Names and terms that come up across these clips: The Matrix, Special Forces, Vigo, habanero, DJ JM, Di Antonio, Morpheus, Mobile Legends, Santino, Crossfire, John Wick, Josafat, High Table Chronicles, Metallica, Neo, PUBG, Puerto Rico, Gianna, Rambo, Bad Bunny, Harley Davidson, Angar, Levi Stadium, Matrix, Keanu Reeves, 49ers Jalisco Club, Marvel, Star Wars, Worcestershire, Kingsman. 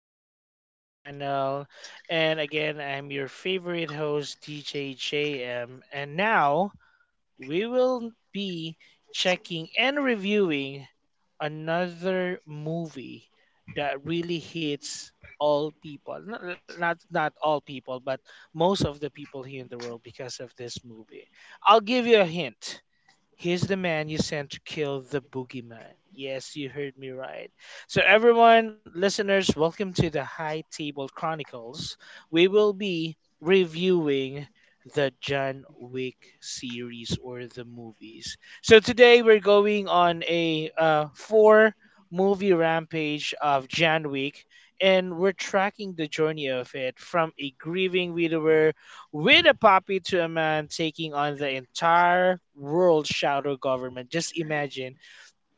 podcast channel. And again, I'm your favorite host, DJ JM. And now we will be checking and reviewing another movie that really hits all people. Not all people, but most of the people here in the world because of this movie. I'll give you a hint. He's the man you sent to kill the boogeyman. Yes, you heard me right. So, everyone, listeners, welcome to the High Table Chronicles. We will be reviewing the John Wick series or the movies. So, today we're going on a four movie rampage of John Wick, and we're tracking the journey of it from a grieving widower with a puppy to a man taking on the entire world shadow government. Just imagine,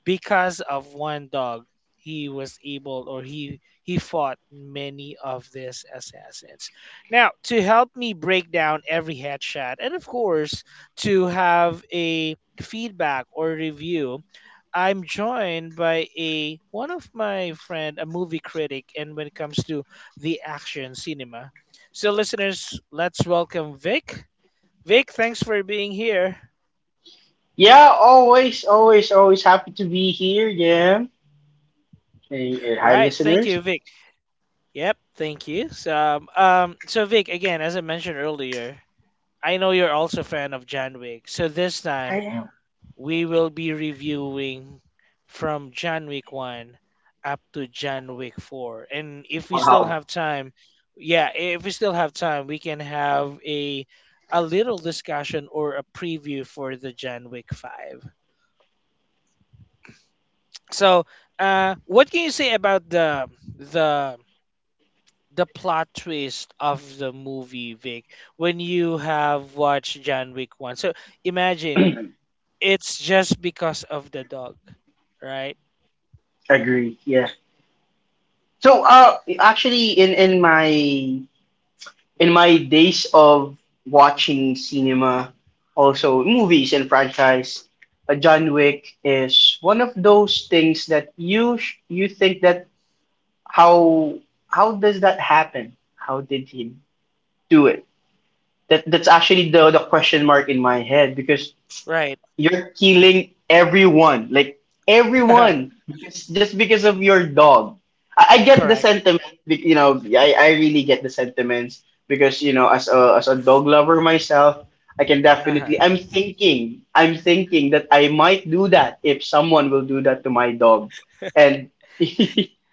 because of one dog he was able or he fought many of these assassins. Now, to help me break down every headshot, and of course to have a feedback or review, I'm joined by a one of my friend, a movie critic, and when it comes to the action cinema. So, listeners, let's welcome Vic. Vic, thanks for being here. Yeah, always, always, always happy to be here. Yeah. Hey, hi, Right, thank listeners. you, Vic. Yep, thank you. So, so Vic, again, as I mentioned earlier, I know you're also a fan of John Wick. So this I time am. we will be reviewing from John Wick 1 up to John Wick 4. And if we still Wow. have time, yeah, if we still have time, we can have a little discussion or a preview for the John Wick 5. So, what can you say about the the plot twist of the movie, Vic, when you have watched John Wick 1? So imagine, it's just because of the dog, right? Agree. Yeah. So, actually, in my in my days of watching cinema, also movies and franchise, John Wick is one of those things that you think that how how does that happen? How did he do it? That's actually the question mark in my head because Right. you're killing everyone, like everyone, because, just because of your dog. I get the Correct. sentiment, I really get the sentiments because you know, as a dog lover myself, I can Uh-huh. definitely. I'm thinking that I might do that if someone will do that to my dog, and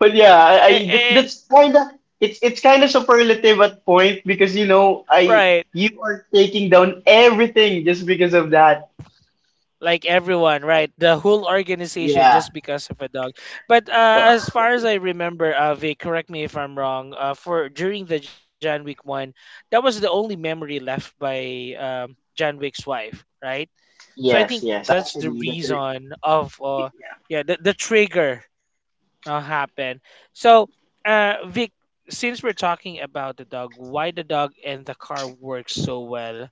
but yeah, Eh, eh, that's kind of it's kind of superlative at point because you know I right. you are taking down everything just because of that. Like everyone, right? The whole organization Yeah. just because of a dog. But as Oh, far as I remember, Vic, correct me if I'm wrong. For during the John Wick one, that was the only memory left by John Wick's wife, right? So I yes, think yes. that's the Actually, reason of yeah, the trigger happened. So, Vic, since we're talking about the dog, why the dog and the car work so well,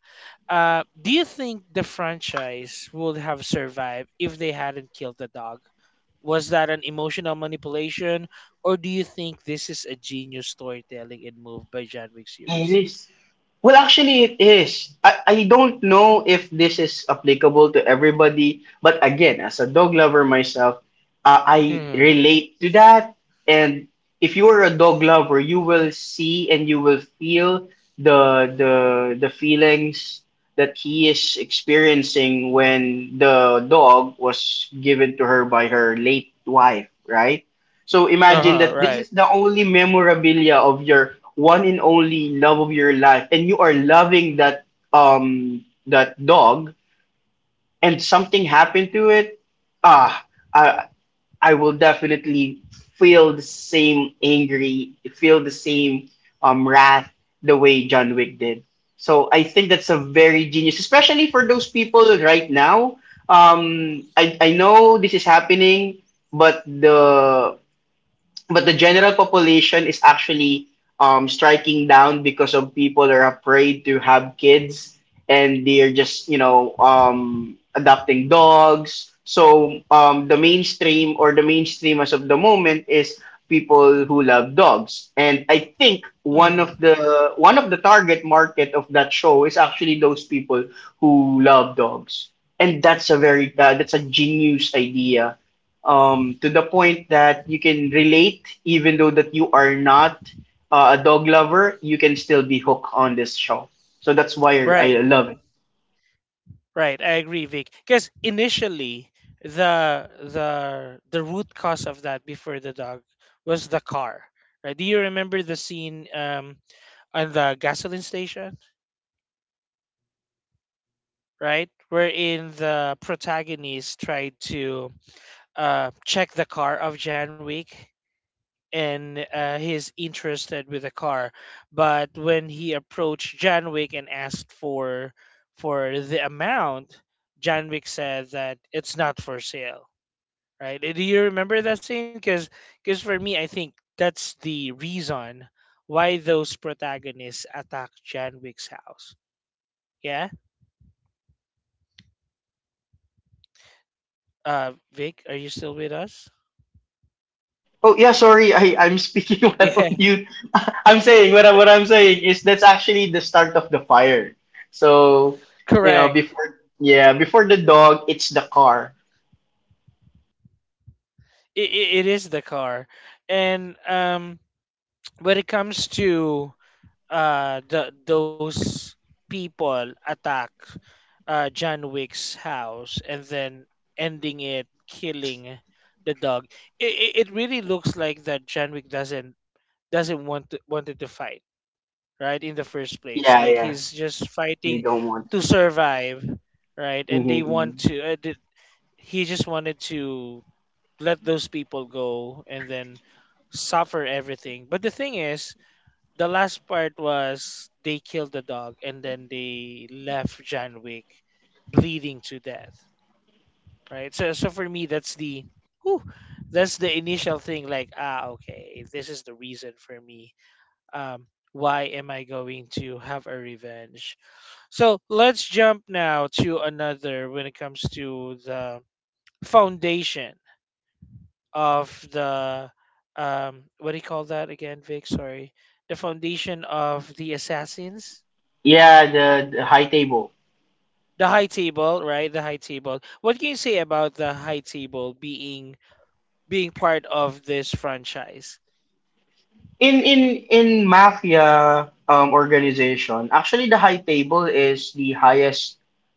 do you think the franchise would have survived if they hadn't killed the dog? Was that an emotional manipulation, or do you think this is a genius storytelling and move by John Wick series? it is. Well, actually, it is. I don't know if this is applicable to everybody, but again, as a dog lover myself, I Mm, relate to that. And if you are a dog lover, you will see and you will feel the the feelings that he is experiencing when the dog was given to her by her late wife, right? So uh huh. imagine that Right. this is the only memorabilia of your one and only love of your life and you are loving that that dog and something happened to it. ah i I will definitely feel the same angry, feel the same wrath the way John Wick did. So I think that's a very genius, especially for those people right now. I know this is happening, but the but the general population is actually, striking down because of people are afraid to have kids, and they're just, you know, adopting dogs. So the mainstream, or the mainstream as of the moment is people who love dogs, and I think Mm, one of the target market of that show is actually those people who love dogs. And that's a very that's a genius idea, to the point that you can relate, even though that you are not a dog lover, you can still be hooked on this show. So that's why right. I love it. Right, I agree, Vic. Because initially, the root cause of that before the dog was the car. Right? Do you remember the scene, on the gasoline station? Right, wherein the protagonist tried to check the car of Jan Wick, and he's interested with the car, but when he approached Jan Wick and asked for the amount, Jan Wick said that it's not for sale, right? Do you remember that scene? Because for me, I think that's the reason why those protagonists attack John Wick's house. Yeah? Vic, are you still with us? Oh yeah, sorry, I'm speaking while Yeah, on mute. I'm saying what I'm saying is that's actually the start of the fire. So you know correct. before, yeah, before the dog, it's the car. It is the car. And when it comes to the those people attack John Wick's house and then ending it killing the dog, it really looks like that John Wick doesn't want to, wanted to fight right in the first place. Yeah, Like, yeah, he's just they fighting don't want. to survive, right? And they Hmm. want to he just wanted to let those people go and then suffer everything. But the thing is, the last part was they killed the dog and then they left John Wick bleeding to death, right? So, so for me, that's the, whew, that's the initial thing. Like, ah, okay, this is the reason for me, um, why am I going to have a revenge? So let's jump now to another, when it comes to the foundation of the, what do you call that again, Vic? Sorry, the foundation of the assassins. Yeah, the high table. The High Table, right? The High Table. What can you say about the High Table being being part of this franchise? in in in mafia organization, actually the high table is the highest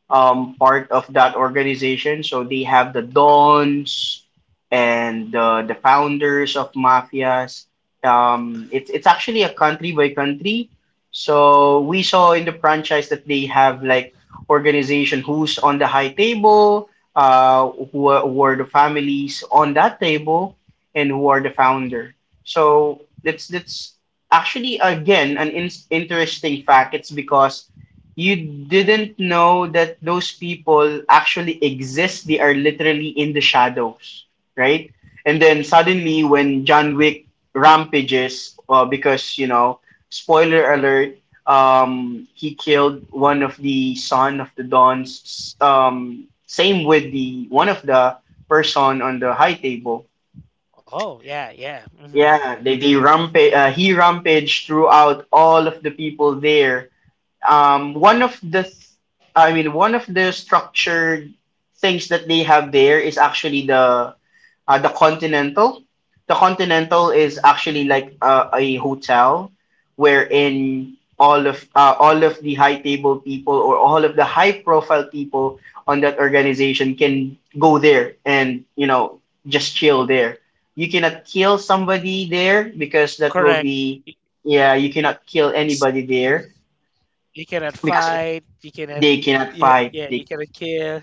part of that organization. So they have the dons and the founders of mafias. It's actually a country by country. So we saw in the franchise that they have like organization who's on the high table, who are the families on that table, and who are the founder. So that's actually, again, an interesting fact. It's because you didn't know that those people actually exist. They are literally in the shadows, right? And then suddenly, when John Wick rampages, because you know, spoiler alert, he killed one of the son of the Dons. Same with the one of the person on the high table. Oh yeah, yeah, hmm, Yeah, they rampage. He rampaged throughout all of the people there. One of the, th- I mean, one of the structured things that they have there is actually the Continental. The Continental is actually like a hotel wherein all of the high table people or all of the high profile people on that organization can go there and, you know, just chill there. You cannot kill somebody there because that correct. will be, yeah. You cannot kill anybody there You cannot because fight. You cannot. they cannot Yeah, fight. yeah. You They cannot kill.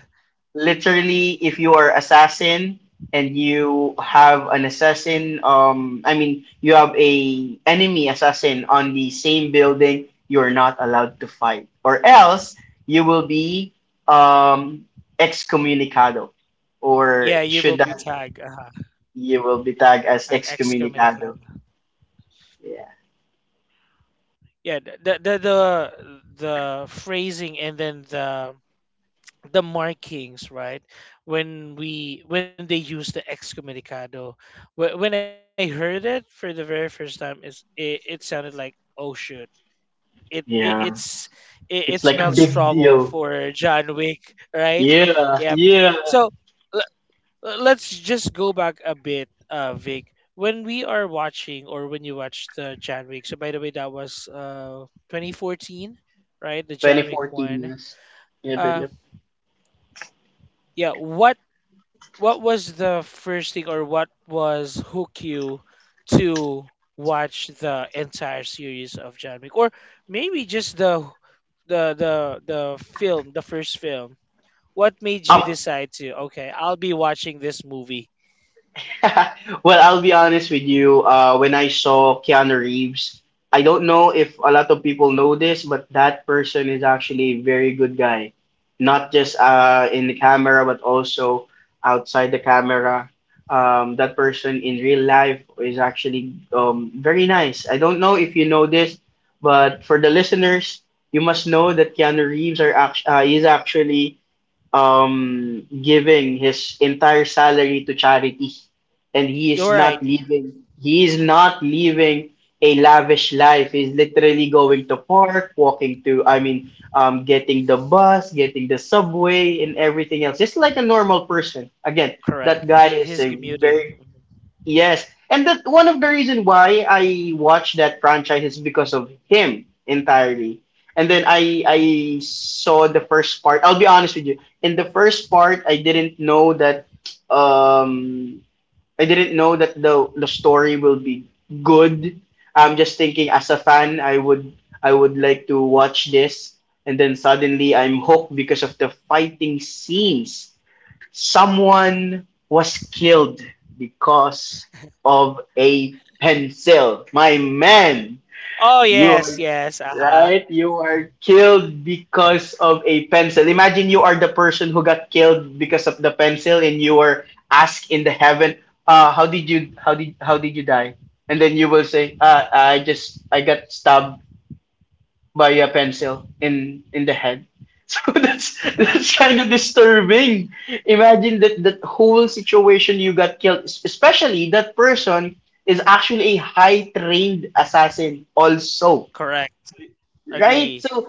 literally, if you are assassin and you have an assassin, I mean, you have a enemy assassin on the same building, you're not allowed to fight, or else you will be um excommunicado, or Yeah, you will should be that, tagged. Uh-huh. you will be tagged as And excommunicado. excommunicado. Yeah, Yeah, the phrasing and then the markings, right? When we when they use the excommunicado, when I heard it for the very first time, is it, it sounded like, oh shoot. It, it yeah, it's it, it it's smells like a big trouble deal. for John Wick, right? Yeah, Yep. yeah. So, let's just go back a bit, Vic. When we are watching, or when you watch the John Wick. So by the way, that was 2014, right? The John Wick 2014, one. yes. Yeah, but Uh, yeah. What was the first thing, or what was hook you to watch the entire series of John Wick, or maybe just the the the the film, the first film? What made you yep. decide to? Okay, I'll be watching this movie. Well, I'll be honest with you. When I saw Keanu Reeves, I don't know if a lot of people know this, but that person is actually a very good guy. Not just, in the camera, but also outside the camera. That person in real life is actually, very nice. I don't know if you know this, but for the listeners, you must know that Keanu Reeves is actually giving his entire salary to charity, and All right. He is not living a lavish life. He's literally going to park, walking to, I mean, getting the bus, getting the subway, and everything else, just like a normal person. Again, Correct. that guy He, is he's a commuting. very... Mhm. Yes, and that one of the reason why I watched that franchise is because of him entirely. And then I saw the first part. I'll be honest with you. In the first part, I didn't know that um I didn't know that the story will be good. I'm just thinking, as a fan, I would like to watch this. And then suddenly I'm hooked because of the fighting scenes. Someone was killed because of a pencil. My man, Oh you yes, are yes. Uh huh. right. You are killed because of a pencil. Imagine you are the person who got killed because of the pencil, and you were asked in the heaven, "How did you? How did? How did you die?" And then you will say, "I just I got stabbed by a pencil in the head." So that's kind of disturbing. Imagine that that whole situation you got killed. Especially that person is actually a high trained assassin also, Correct. right? Agree. So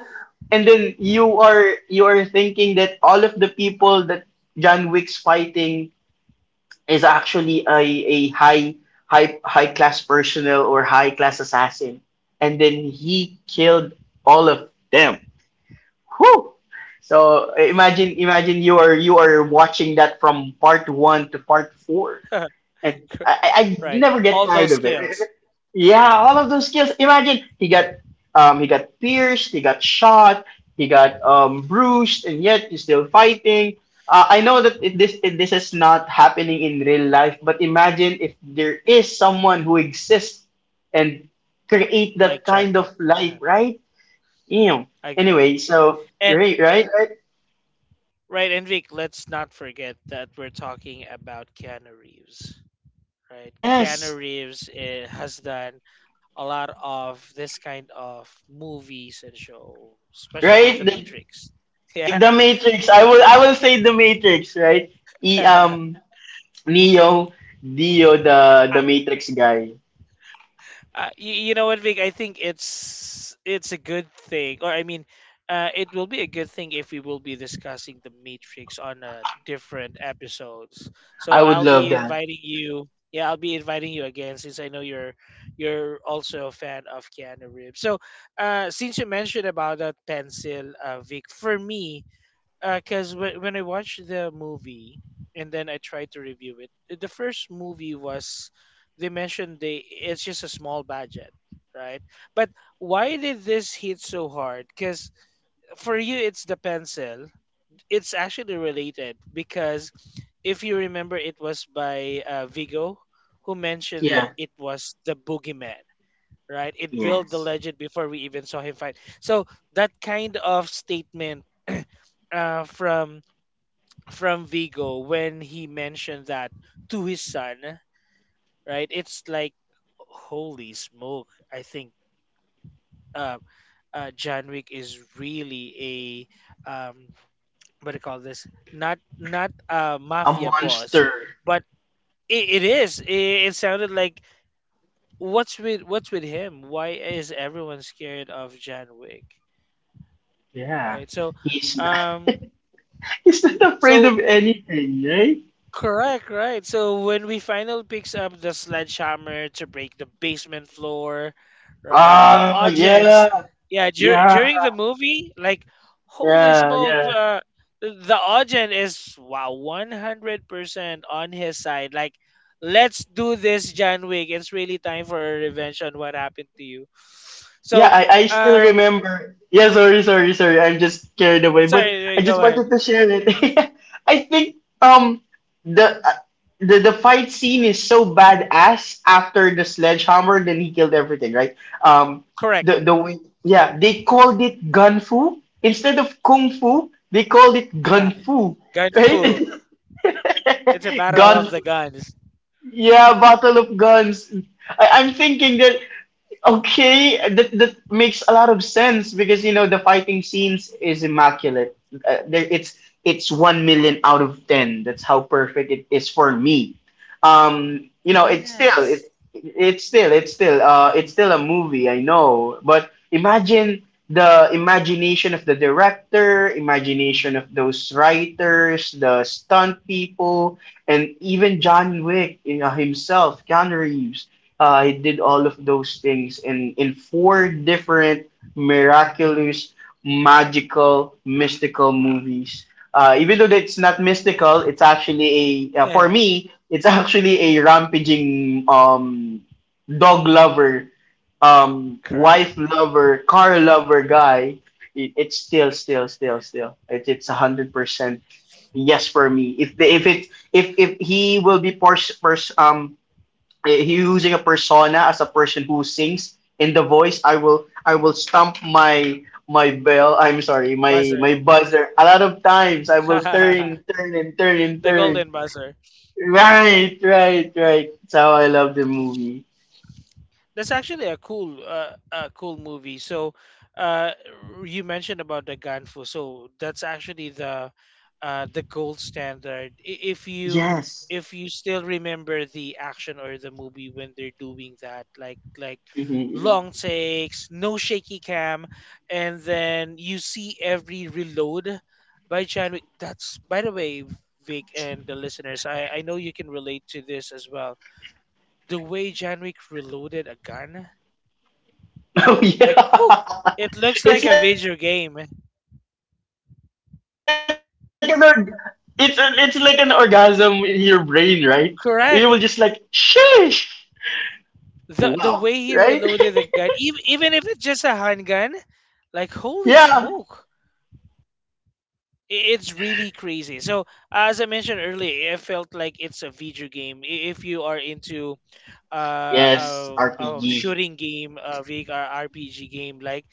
and then you are thinking that all of the people that John Wick's fighting is actually a high high class personnel or high class assassin, and then he killed all of them. Whew. So imagine you are watching that from part one to part four, Cor- and I right. never get All those tired of it. skills, Yeah, all of those skills. Imagine he got pierced, he got shot, he got bruised, and yet he's still fighting. I know that this is not happening in real life, but imagine if there is someone who exists and create like that kind of Chadwick. life, uh right? Ew. I agree. Anyway, so And right, right, right. right, and Vic, let's not forget that we're talking about Keanu Reeves, right? Keanu Yes, Reeves has done a lot of this kind of movies and show, especially The right. Matrix. If the Matrix, I will say the Matrix, right? E, Yeah. um, Neo, Dio, the Matrix guy. You, you know what, Vic? I think it's a good thing, or I mean, it will be a good thing if we will be discussing the Matrix on different episodes. I So would I'll love be that. inviting you. Yeah, I'll be inviting you again since I know you're also a fan of Keanu Reeves. So, since you mentioned about that pencil, Vic, for me, because when I watched the movie and then I tried to review it, the first movie was they mentioned they it's just a small budget, right? But why did this hit so hard? Because for you, it's the pencil. It's actually related because if you remember, it was by Vigo who mentioned that Yeah. it was the boogeyman. Right, it built the Yes. legend before we even saw him fight. So, that kind of statement from Vigo when he mentioned that to his son, right? It's like, holy smoke! I think, uh, John Wick is really a, what do you call this? Not not a A mafia boss, monster. but it is. It sounded like, what's with him? Why is everyone scared of John Wick? Yeah. Right. So, He's not, um, he's not afraid so of anything, right? correct, right. So when we finally picks up the sledgehammer to break the basement floor, right? The Ah, audience, yeah, yeah, yeah, during the movie, like holy yeah, smoke, yeah. The audience is wow, 100% on his side. Like, let's do this, John Wick. It's really time for a revenge on what happened to you. Yeah, So, I still um remember. Yeah, sorry, sorry, sorry. I'm just carried away, but sorry, I just go ahead. wanted to share it. I think the uh, the fight scene is so badass after the sledgehammer, then he killed everything, right? Um, the Correct. Way, yeah, they called it gun fu instead of kung fu. They called it gun fu, Gun right? fu. It's a battle Gun. of the guns. Yeah, battle of guns. I'm thinking that, okay, that makes a lot of sense because you know the fighting scenes is immaculate. It's 1,000,000 out of ten. That's how perfect it is for me. You know, Yes. It's still a movie. I know, but imagine the imagination of the director, imagination of those writers, the stunt people, and even John Wick, you know, himself, Keanu Reeves, he did all of those things in four different miraculous, magical, mystical movies. Even though it's not mystical, it's actually a, for Yeah, me, it's actually a rampaging, dog lover, correct. wife lover, car lover guy. It, it's still. It's 100% yes for me. If he will be using a persona as a person who sings in the voice, I will stamp my bell, I'm sorry, Buzzer. my buzzer a lot of times. I will The turn, turn, and turn, and turn, golden buzzer. right, right, right. That's how I love the movie. That's actually a cool movie. So, uh, you mentioned about the Ganfu. So that's actually the gold standard. Yes. If you still remember the action or the movie when they're doing that, like Mhm. long takes, no shaky cam, and then you see every reload by Chadwick. That's by the way, Vic and the listeners. I know you can relate to this as well. The way Janwick reloaded a gun, Oh like, whew, yeah. it looks like it's a like an video org- game. it's an, it's like an orgasm in your brain, right? You will just like, sheesh, Correct. wow, right. The way he reloaded the gun, even even if it's just a handgun, like holy Yeah. smoke, it's really crazy. So, as I mentioned earlier, it felt like it's a video game. If you are into a Yes, RPG. shooting game, a VR RPG game,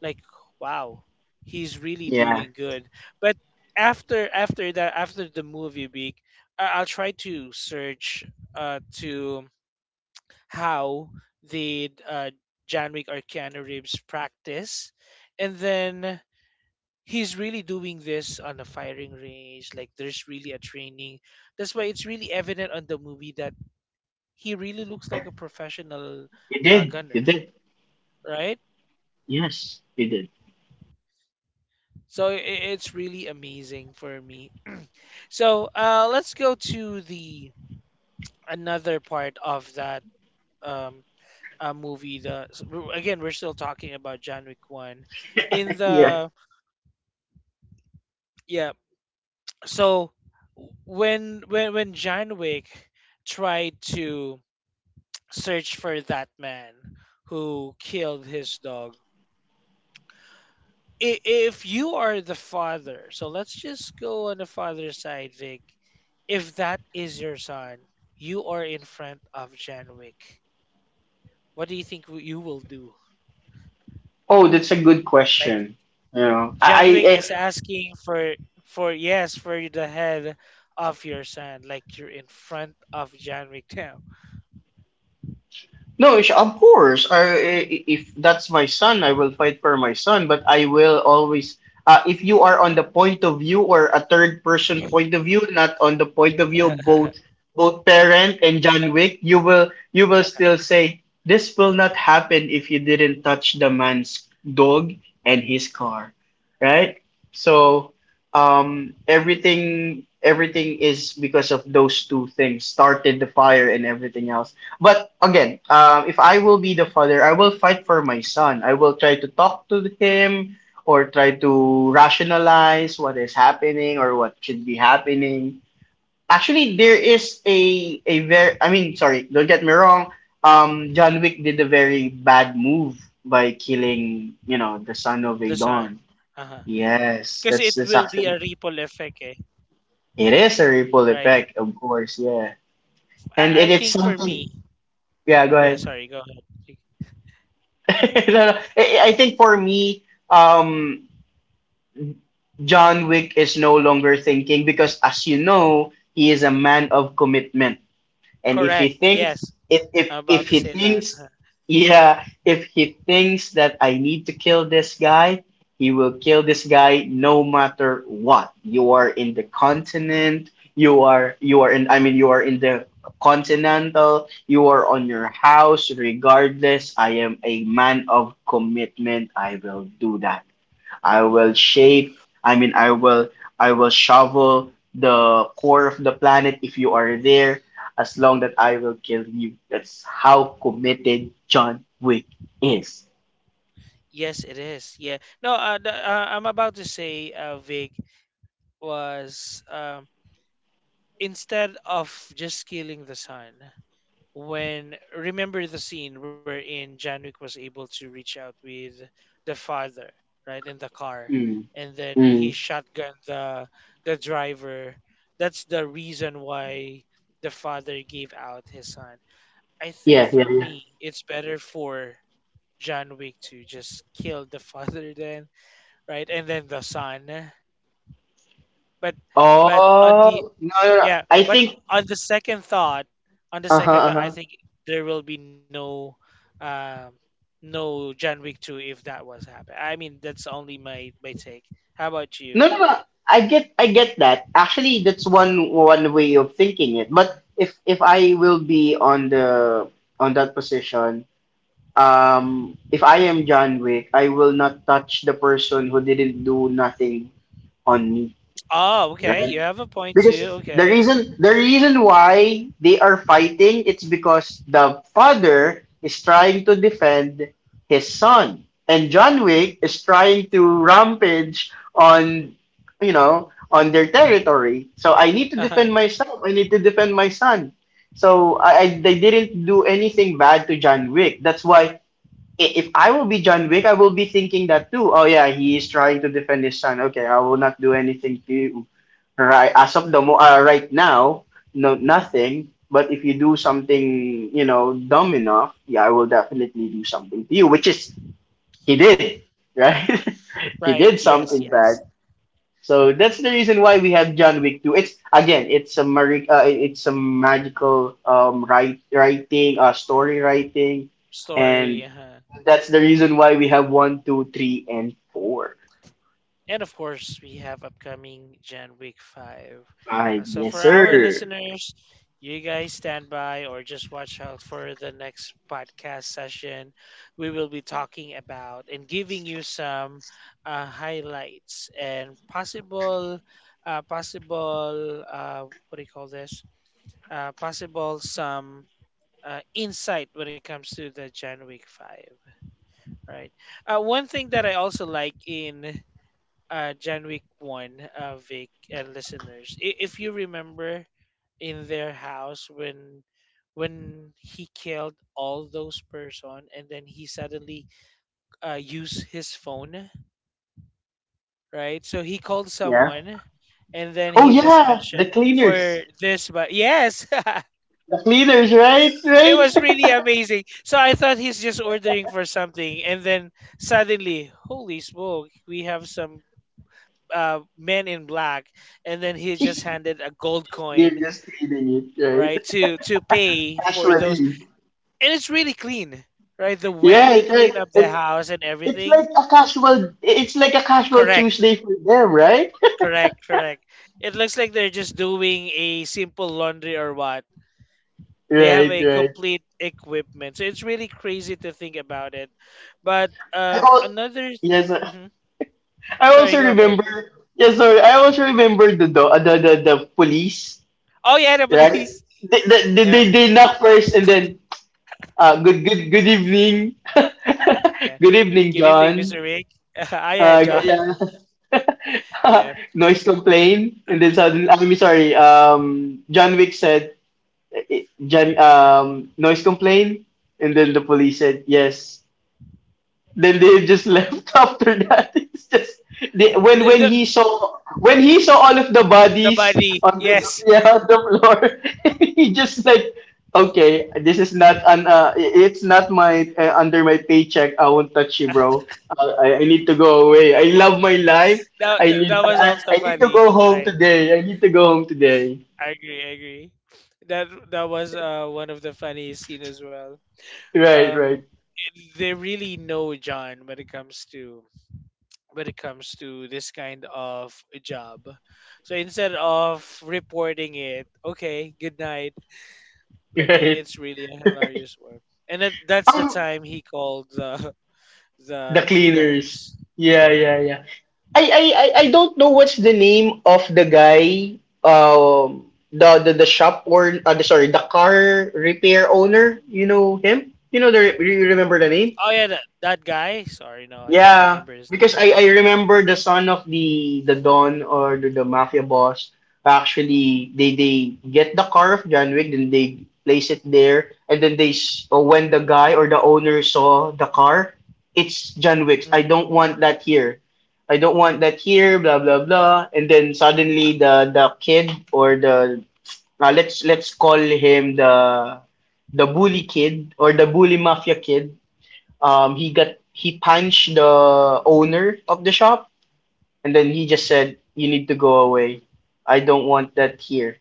like wow, he's really Yeah. doing good. But after after that, after the movie week, I'll try to search to how did Janwick or Keanu Reeves practice. And then he's really doing this on a firing range. Like, there's really a training. That's why it's really evident on the movie that he really looks like Yeah. a professional, You did. gunner, You did. right? Yes, you did. So, it's really amazing for me. So, let's go to the another part of that, um, movie. The so again, we're still talking about John Wick one. In Yeah. the, yeah, so when when John Wick tried to search for that man who killed his dog, if you are the father, so let's just go on the father's side, Vic. If that is your son, you are in front of John Wick. What do you think you will do? Oh, that's a good Like, question. You know, John Wick I is asking for yes, for the head of your son. Like, you're in front of John Wick now. no, of course. If that's my son, I will fight for my son. But I will always, if you are on the point of view or a third person point of view, not on the point of view of both parent and John Wick, you will still say this will not happen if you didn't touch the man's dog and his car, right? So everything is because of those two things started the fire and everything else, but again, if I will be the father, I will fight for my son. I will try to talk to him or try to rationalize what is happening or what should be happening. Actually, there is a very, I mean, sorry, don't get me wrong. John Wick did a very bad move by killing, you know, the son of The son. Adon. Uh-huh. Yes, Because that's it that's will be actually, a ripple effect, eh? it is a ripple Right? effect, of course, yeah. And I, it, I it's think for something. me, Yeah, go yeah, ahead. sorry, go ahead. No, no. I think for me, um, John Wick is no longer thinking because, as you know, he is a man of commitment. And if he Correct. thinks, Yes. if if I'm if about to he say that. thinks, Huh. yeah, if he thinks that I need to kill this guy, he will kill this guy no matter what. You are in the continent, you are in, I mean, you are in the continental, you are on your house, regardless, I am a man of commitment, I will do that. I will shape, I mean, I will shovel the core of the planet if you are there, as long that I will kill you. That's how committed John Wick is. Yes, it is. Yeah. No, I'm about to say, Vic, was instead of just killing the son, when remember the scene wherein Janwick was able to reach out with the father, right, in the car, Mm, and then he mm. shotgun the driver. That's the reason why the father gave out his son. I think Yeah, yeah, for yeah. me, it's better for Janwick to just kill the father then, right, and then the son. But but on the Oh, no, no, no. yeah, I but think, on the second thought, on the uh-huh, second thought, I uh-huh. think there will be um, no John Wick two if that was happen. I mean, that's only my take. How about you? No, no, no. I get that. Actually, that's one way of thinking it. But if I will be on the, on that position, if I am John Wick, I will not touch the person who didn't do nothing on me, Oh, okay, you right? have a point Because too. the Okay, reason the reason why they are fighting it's because the father is trying to defend his son, and John Wick is trying to rampage on, you know, on their territory. So I need to defend uh-huh. myself. I need to defend my son. So I they didn't do anything bad to John Wick. That's why I- if I will be John Wick, I will be thinking that too. Oh yeah, he is trying to defend his son. Okay, I will not do anything to you. Right as of the mo- right now, no nothing. But if you do something, you know, dumb enough, yeah, I will definitely do something to you. Which is he did, right? He Right. did Yes, something yes. bad. So that's the reason why we have John Wick 2. It's again, it's a mari- it's a magical write, writing, story writing, Story. and Uh-huh. that's the reason why we have one, two, three, and 4. And of course, we have upcoming Gen Week 5. Five. So for Yes our sir. listeners, you guys stand by or just watch out for the next podcast session. We will be talking about and giving you some highlights and possible, possible, what do you call this? Possible some insight when it comes to the Gen Week 5, right? One thing that I also like in Jan Week 1, Vic and listeners, I- if you remember in their house when he killed all those person and then he suddenly used his phone, right? So he called Yeah. someone and then Oh he just yeah, the mentioned for cleaners. this, but yes, The cleaners, right? it Right? was really amazing. So I thought he's just ordering for something and then suddenly, holy smoke, we have some men in black, and then he just handed a gold They're coin, just cleaning it, right? right, to pay for those. Casually. And it's really clean, right? The way Yeah, they it's right. clean up the It, house and it's everything. like a casual, it's like a casual Correct, Tuesday for them, right? correct, correct. It looks like they're just doing a simple laundry or what. They have Right, a right. complete equipment, so it's really crazy to think about it. But I al- another. yes, sir. Hmm. I Sorry, also go ahead. remember. Yes, sorry, I also remember the do- the police, Oh yeah, the right? police. They, they, Yeah, they, they knock first, and then uh, good good evening, yeah. good evening, Good evening, John. Mr. Rick. Ah, yeah, John. Yeah. Yeah. Noise complaint, and then suddenly I'm sorry. John Wick said, eh, John, noise complaint, and then the police said yes. Then they just left after that. It's just they, when the when the, he saw when he saw all of the the bodies bunny. on the, Yes, yeah, on the floor, he just like, okay, this is not an it's not my under my paycheck. I won't touch you, bro. I, I need to go away. I love my life. that, I that need that I, was I also I need to funny. go home Right, today. I need to go home today. I agree. I agree. That that was one of the funniest scene as well. Right, right, It- they really know John when it comes to when it comes to this kind of job. So instead of reporting it, okay, good night. Like it, right. it's really a hilarious work. And that's the Um, time he called the the the cleaners. cleaners. Yeah, yeah, Correct. yeah. I don't know what's the name of the guy, um, the shop or the, sorry the car repair owner. You know him? You know the re- you remember the name? Oh yeah, that guy. Sorry, no, I can't Yeah, remember his because name. I remember the son of the Don or the mafia boss. Actually they get the car of John Wick, then they place it there, and then they s- when the guy or the owner saw the car, it's John Wick's, Hmm. I don't want that here, I don't want that here, blah blah blah. And then suddenly the kid or the, let's call him the bully kid or the bully mafia kid, he got he punched the owner of the shop, and then he just said, "You need to go away. I don't want that here."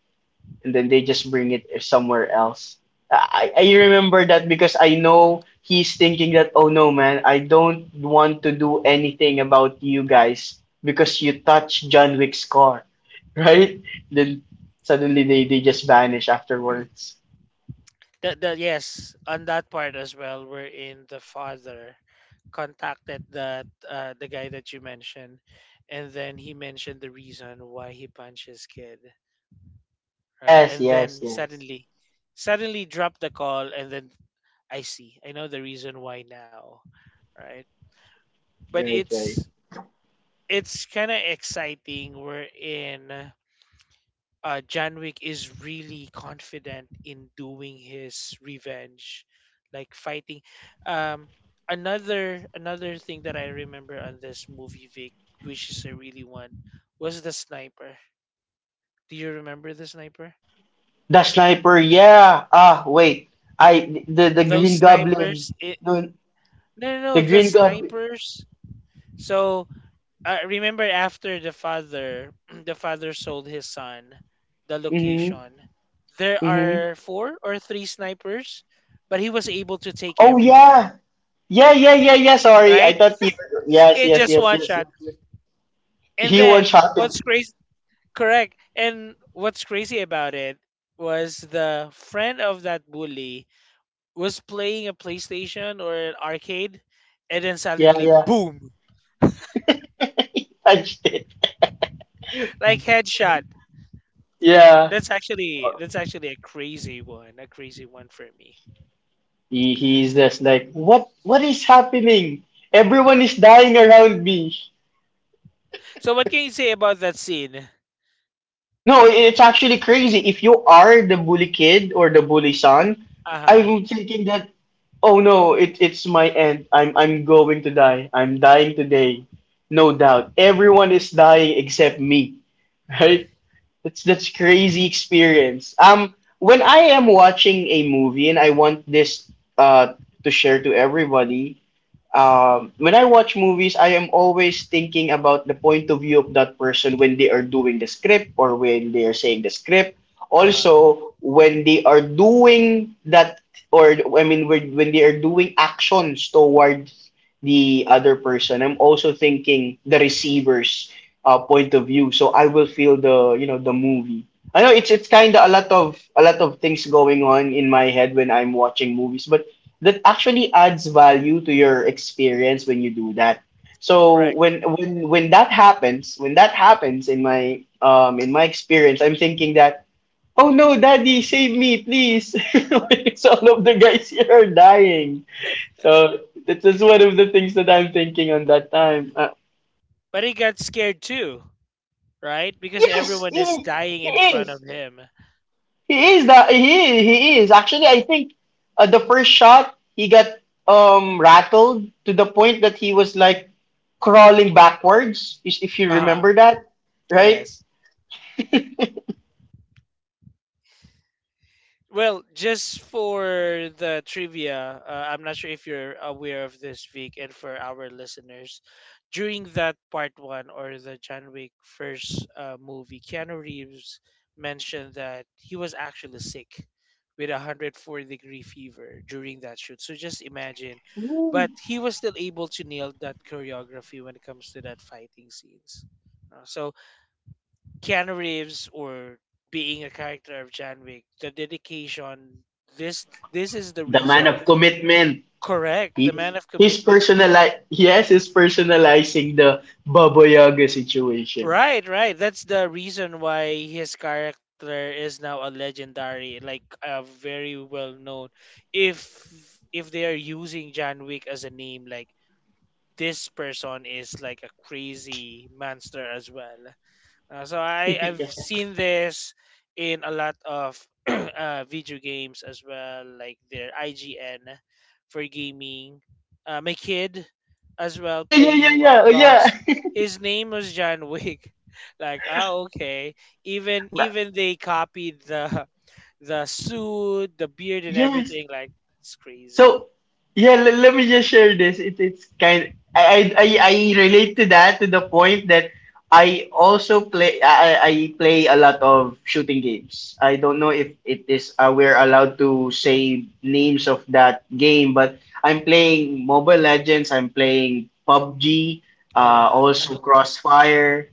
And then they just bring it somewhere else. I remember that because I know he's thinking that, "Oh no, man, I don't want to do anything about you guys because you touched John Wick's car, right?" Then suddenly they just vanish afterwards. That yes, on that part as well, wherein the father contacted that the guy that you mentioned, and then he mentioned the reason why he punched his kid, right? Yes, And yes, then yes. suddenly, suddenly dropped the call, and then I see, I know the reason why now, right? But Right, it's right. it's kind of exciting. We're in. Uh, Janwick is really confident in doing his revenge, like fighting. Um, another thing that I remember on this movie, Vic, which is a really one, was the sniper. Do you remember the sniper? The sniper, yeah. Ah, wait. I the Those Green Goblin. snipers, it No, no no the no the Green Goblin. snipers. So remember after the father the father sold his son the Mhm. location there Mhm. are four or three snipers but he was able to take Oh everyone yeah. Yeah, yeah, yeah, yeah. Sorry, I right thought you. Yes, in yes, just yes, one yes, yes, shot yes. and He one then shot it. what's crazy correct and what's crazy about it was the friend of that bully was playing a playstation or an arcade and then Yeah, suddenly yeah. boom He punched it. like headshot Yeah. That's actually a crazy one for me. He he's just like, what is happening? Everyone is dying around me. So what can you say about that scene? No, it's actually crazy. If you are the bully kid or the bully son, Uh-huh. I'm thinking that, oh no, it, it's my end. I'm going to die. I'm dying today. No doubt. Everyone is dying except me. Right? That's crazy experience. When I am watching a movie and I want this uh to share to everybody, when I watch movies, I am always thinking about the point of view of that person when they are doing the script or when they are saying the script. Uh-huh. Also, when they are doing that, or I mean, when they are doing actions towards the other person, I'm also thinking the receiver's point of view. So I will feel the you know the movie. I know it's kind of a lot of things going on in my head when I'm watching movies, but that actually adds value to your experience when you do Mhm. that. So Correct. when when that happens, when that happens in my experience, I'm thinking that, oh no, daddy, save me, please. Because all of the guys here are dying. So that's just one of the things that I'm thinking on that time. But he got scared too, right? Because Yes, everyone is dying he in front of is. him. He is that he is actually. I think the first shot he got rattled to the point that he was like crawling backwards, is if you Uh-huh. remember that, right? Yes. Well, just for the trivia, I'm not sure if you're aware of this, Vic, and for our listeners, during that part one or the John Wick first movie, Keanu Reeves mentioned that he was actually sick with a 104-degree fever during that shoot. So just imagine. The But he was still able to nail that choreography when it comes to that fighting scenes. So Keanu Reeves or being a character of John Wick, the dedication, this this is the man reason. of commitment. Correct, the He's man of he's commitment. personali yes, he's personalizing the Baboyaga situation. Right, right. That's the reason why his character is now a legendary, like a very well known. If if they are using John Wick as a name, like this person is like a crazy monster as well. So I I've Yeah, seen this in a lot of video games as well, like their IGN for gaming. My kid as yeah, well yeah, yeah, playing yeah, oh, yeah. Roblox. His name was John Wick. Like oh okay. Even Ma- even they copied the the suit, the beard, and yes. everything. Like it's crazy. So yeah, l- let me just share this. It, it's kind. I, I relate to that to the point that I also play. I I play a lot of shooting games. I don't know if it is we're allowed to say names of that game, but I'm playing Mobile Legends. I'm playing PUBG. Uh, Also Crossfire.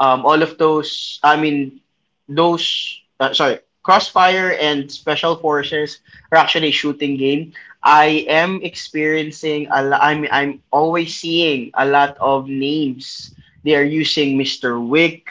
All of those, I mean, those, sorry, Crossfire and Special Forces are actually a shooting game. I am experiencing a lot, I'm always seeing a lot of names. They are using Mr. Wick,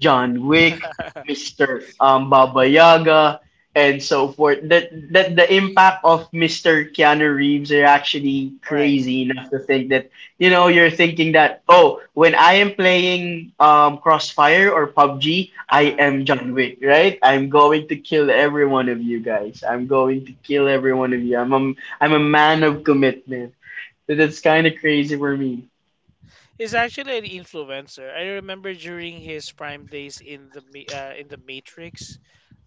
John Wick, Mr. Baba Yaga, and so forth. That that the impact of Mr. Keanu Reeves are actually right. crazy enough to think that, you know, you're thinking that, oh, when I am playing Crossfire or PUBG, I Uh-huh. am John Wick, right? I'm going to kill every one of you guys. I'm going to kill every one of you. I'm a man of commitment, so that's kind of crazy for me. He's actually an influencer. I remember during his prime days in the Ma- in the Matrix,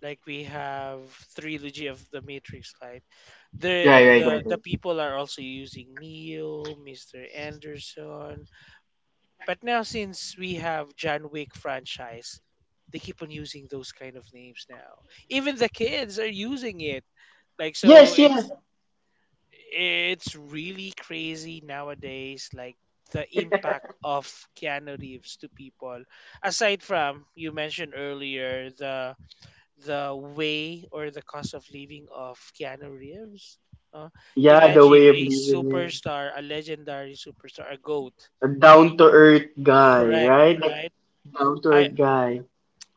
like we have trilogy of the Matrix, right? The Right right right the right. people are also using Neo, Mr. Anderson, but now since we have John Wick franchise, they keep on using those kind of names now. Even the kids are using it. Like so, Yes yeah. it's really crazy nowadays like the impact of Keanu Reeves to people aside from you mentioned earlier the way or the cost of living of Keanu Reeves uh, Yeah, the imagine way of a living, yeah. superstar a legendary superstar a goat A down to earth guy, correct right? Like right down to i earth guy.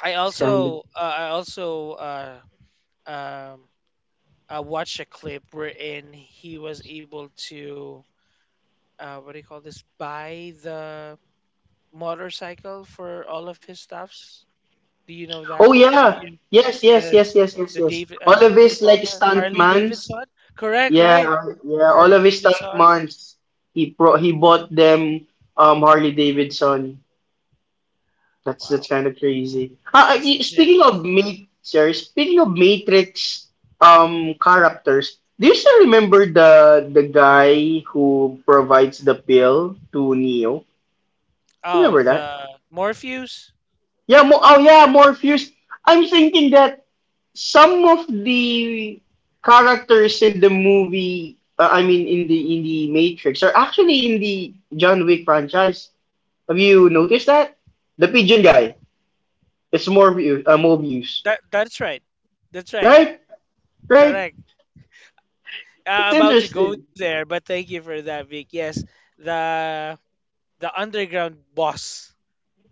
i It's kind of. also uh, i also um I watched a clip wherein he was able to what do you call this? Buy the motorcycle for all of his stuffs. Do you know that? Oh Have yeah, you yes, the yes, yes, yes, yes, the yes. David? All of What do you his call like that? Harley stuntmans. Davidson. Correct, right? Yeah, yeah. Harley All of his Davidson. stuntmans. He pro he bought them Harley Davidson. That's Wow, kind of crazy. Ah, ah, that's y- it. speaking of Ma- sorry, speaking of Matrix characters, do you still remember the guy who provides the pill to Neo? Oh, Remember that? the Morpheus. Yeah, mo oh yeah, Morpheus. I'm thinking that some of the characters in the movie, I mean in the Matrix, are actually in the John Wick franchise. Have you noticed that? The pigeon guy. It's Morpheus, Mobius. That that's right. That's right. Right, right. Correct. It's About to go interesting. there, but thank you for that, Vic. Yes, the the underground boss.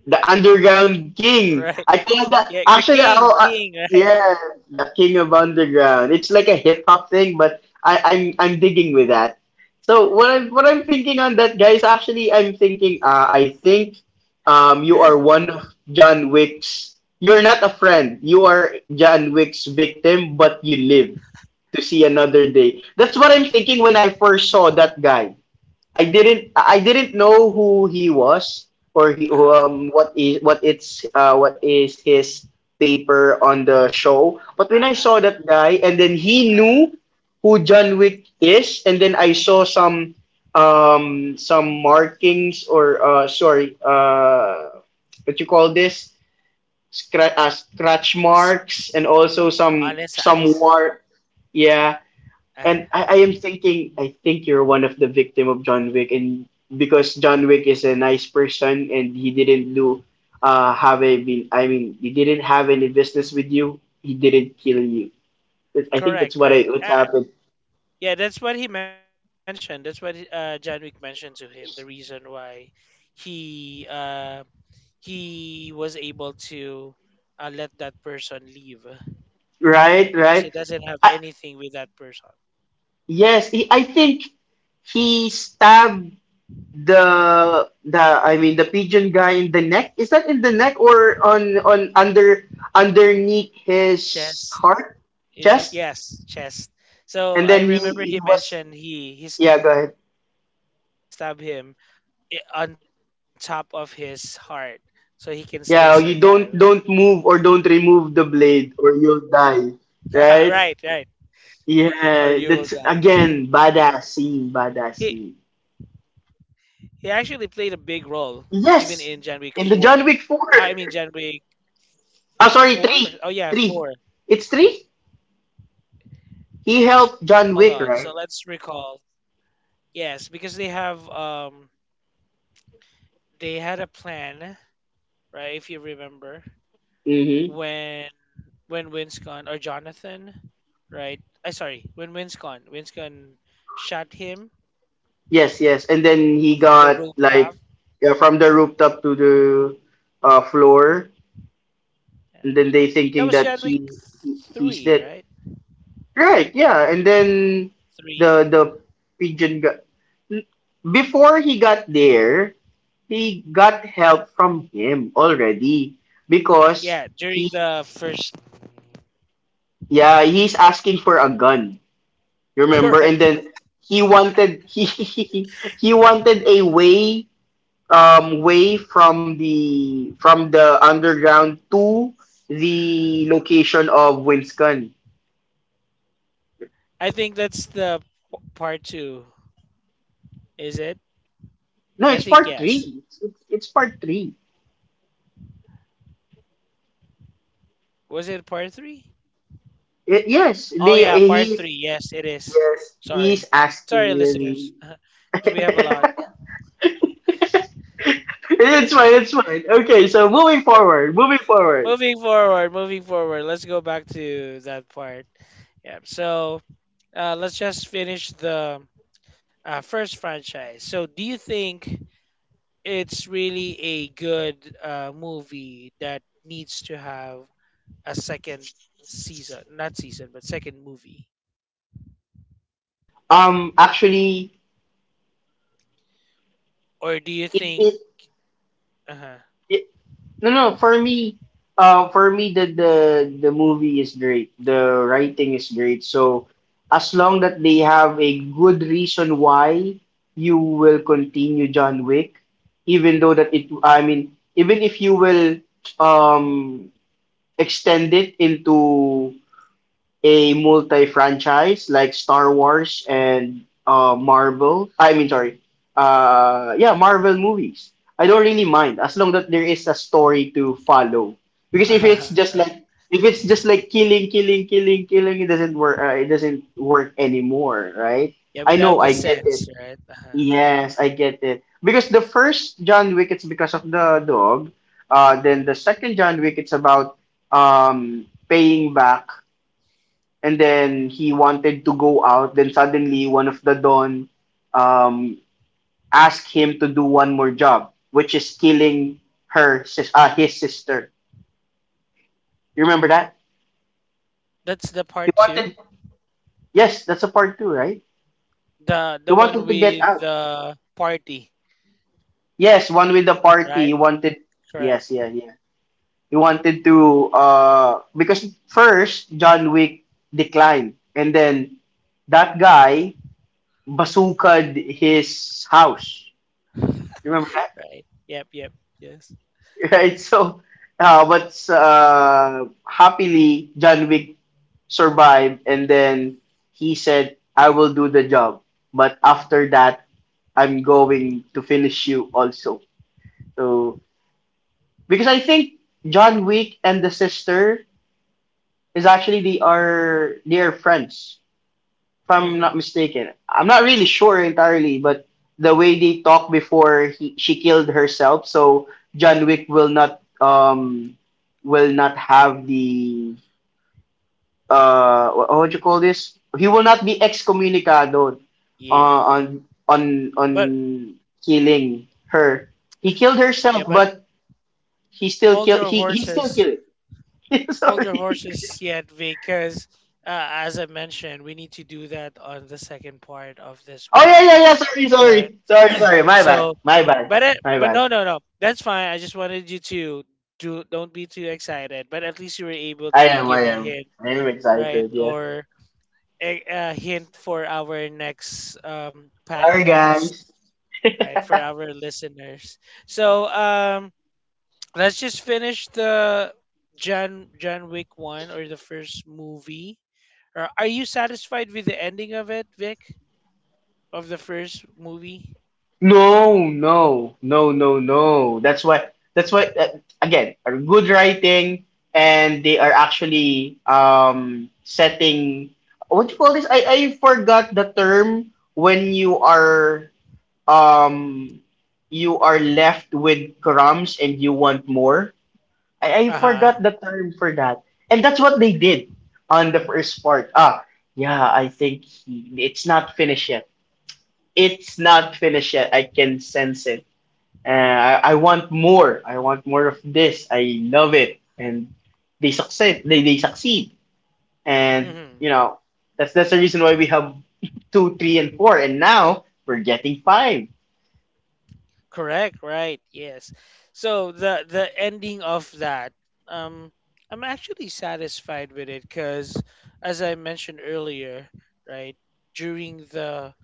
The Underground King. Right. I call that Yeah, the actually. king, Oh, king. Right. yeah, the King of Underground. It's like a hip hop thing, but I'm digging with that. So what I'm thinking on that, guys. Actually, I'm thinking. I think you are one of John Wick's. You're not a friend. You are John Wick's victim, but you live to see another day. That's what I'm thinking when I first saw that guy. I didn't know who he was or he Uh-huh. What is his paper on the show. But when I Uh-uh. saw that guy and then he knew Uh-uh. who Hmm. John Wick is, and then I saw some markings or sorry what you call this, scratch marks and also On some his some eyes. war, yeah. Uh-huh. And I am thinking, I think you're one of the victim of John Wick, and because John Wick is a nice person and he didn't do, have a, been, I mean, he didn't have any business with you. He didn't kill you. I think Correct, that's what right. What happened. Yeah, that's what he mentioned. That's what John Wick mentioned to him. The reason why he uh, he was able to let that person leave, right? Right, Because he right. doesn't have I, anything with that person. yes, I think he stabbed the I mean the pigeon guy in the neck. Is that in the neck or on under underneath his Chest, heart, is it? chest? Yes, chest. So And I then remember he he was, mentioned he yeah, stabbed go ahead. him I- on top of his heart, so he can still survive. Yeah, you don't move or don't remove the blade Right, or right. you'll die. Or Right, you will die. yeah, that's again He badass scene, badass scene. he actually played a big role even in John Wick Yes, 4. in the I john mean wick John 4. Wick Oh, 4? Oh sorry, yeah, 3. 4. 3, it's 3. He helped Hold john on. wick, So right? let's recall. Yes, because they have they had a plan, right? If you remember, Mm-hmm. when when Winscon or Jonathan, right? I sorry, when Winscon shot him Yes, yes, and then he from the got rooftop. like, yeah, from the rooftop to the floor, Yeah. and then they That thinking was that John Wick he's 3, dead. right? Right, yeah, and then 3. the Yeah. the pigeon got, before he got there, he got help from him already because Yeah, he, during the first. yeah, he's asking for a gun. You remember? And Correct. then he wanted, he wanted a way way from the underground to the location of Winston. I think that's the p- part two. Is it? No, I it's think part yes. 3. It's part 3. Was it part three? Yes, Oh the yeah, he, part three. Yes, it is. yes, he's Sorry, asking sorry, really. listeners, because we have a lot. It's fine, it's fine. Okay, so moving forward, moving forward. Moving forward, moving forward. Let's go back to that part. Yeah. So let's just finish the first franchise. So do you think it's really a good movie that needs to have a second season, not season, but second movie? Actually, Or do you it, think, it, uh-huh, it no, no, for me, for me the movie is great. The writing is great. So as long that they have a good reason why you will continue John Wick, even though that it, I mean, even if you will um extend it into a multi-franchise like Star Wars and Marvel. I mean, sorry. Yeah, Marvel movies. I don't really mind as long that there is a story to follow. Because if it's uh-huh, just like, right? Killing, killing, killing, killing, it doesn't work. It doesn't work anymore, right? Yeah, I know. without the I get sense, it. right? Uh-huh. Yes, I get it. Because the first John Wick, it's because of the dog. Then the second John Wick, it's about paying back, and then he wanted to go out. Then suddenly, one of the Don, um, asked him to do one more job, which is killing her, his sister. You remember that? That's the He part two, wanted, yes, that's a part two, right? He the one wanted to get with out. the party, Yes, one with the party. right? Correct, Yes, yeah, yeah. He wanted to, because first John Wick declined, and then that guy bazookaed his house. You remember, right? Yep, yep, yes. right? So, but happily, John Wick survived, and then he said, "I will do the job, but after that, I'm going to finish you also." So, because I think John Wick and the sister is actually they are friends, if I'm Mm-hmm. not mistaken. I'm not really sure entirely, but the way they talk before she killed herself, so John Wick will not have the what do you call this? He will not be excommunicado Yeah, on but killing her. He killed yeah, herself, but but he still hold killed. your He still horses, killed. hold your Sorry. horses yet, because as I mentioned, we need to do that on the second part of this Oh, yeah, yeah, yeah. podcast, right? Sorry. My bad. So, but it, My but bad. no, no, no. That's fine. I just wanted you to do. Don't be too excited. But at least you were able I to am, I give a am. hint, I am right? excited, yeah. Or a hint for our next Sorry podcast, guys. right? For our listeners. So, let's just finish the John Wick one or the first movie. Or are you satisfied with the ending of it, Vic, of the first movie? No, no, no, no, no. That's why. That's why. Again, are good writing, and they are actually setting. What you call this? I forgot the term when um you are left with crumbs and you want more. I Uh forgot the term for that. And that's what they did on the first part. Ah, yeah, I think it's not finished yet. It's not finished yet. I can sense it. Uh, I want more. I want more of this. I love it. And they succeed. They succeed. And, huh. you know, that's the reason why we have two, three, and four. And now we're getting five. Correct, right? Yes. So the ending of that, um, I'm actually satisfied with it because, as I mentioned earlier, right during the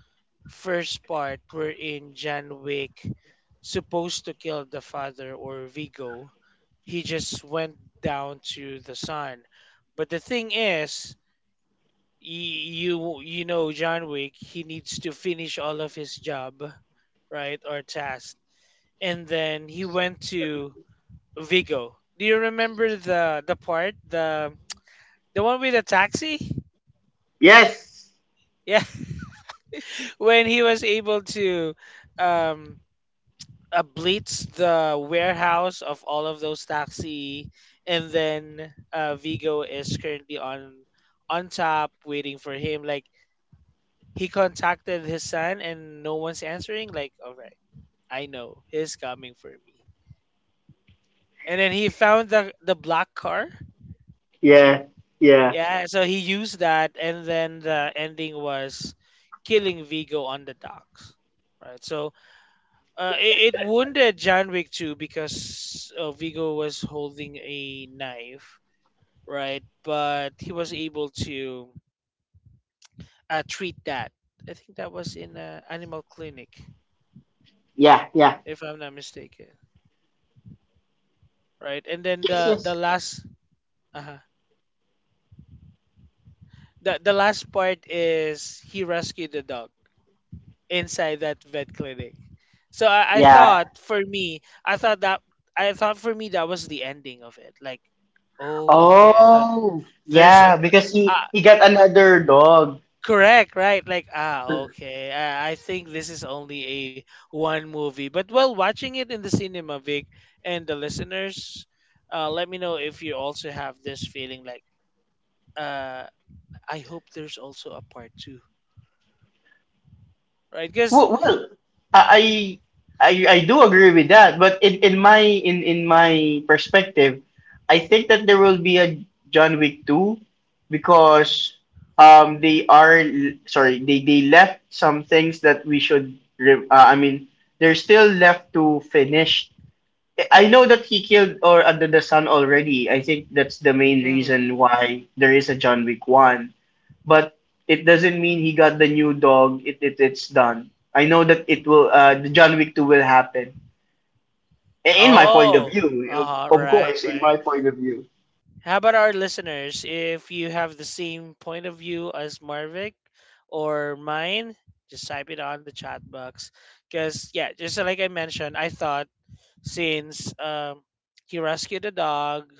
first part, we're in John Wick supposed to kill the father or Vigo. He just went down to the son, but the thing is, y- you know John Wick, he needs to finish all of his job, right, or task and then he went to Vigo. Do you remember the part the one with the taxi? Yes. Yeah, when he was able to um blitz the warehouse of all of those taxi, and then Vigo is currently on top waiting for him. Like he contacted his son, and no one's answering. Like, all right, I know he's coming for me. And then he found the black car. Yeah. Yeah. Yeah, so he used that, and then the ending was killing Vigo on the docks, right? So it wounded John Wick too because Vigo was holding a knife, right? But he was able to treat that. I think that was in Animal Clinic, Yeah. Yeah. if I'm not mistaken, right? And then Yes. Yes. Uh the last part is he rescued the dog inside that vet clinic. So I Yeah. thought for me, I thought that I thought for me that was the ending of it. Like, oh, okay. I thought Oh, there's an yeah, because ah he got another dog. correct, right? Like, ah, okay. I think this is only a one movie. But while watching it in the cinema, Vic and the listeners, let me know if you also have this feeling. Like, uh, I hope there's also a part two, right? Because, Well, well, I, I I I do agree with that, but in my perspective, I think that there will be a John Wick two because they are, sorry, they left some things that we should I mean, they're still left to finish. I know that he killed or under the sun already. I think that's the main reason why there is a John Wick one. But it doesn't mean he got the new dog. It's done. I know that it will. The John Wick two will happen. In my point of oh, uh view, huh, of right, course, in right. my point of view. How about our listeners? If you have the same point of view as Marvick or mine, just type it on the chat box. Because, yeah, just like I mentioned, I thought since he rescued the dog,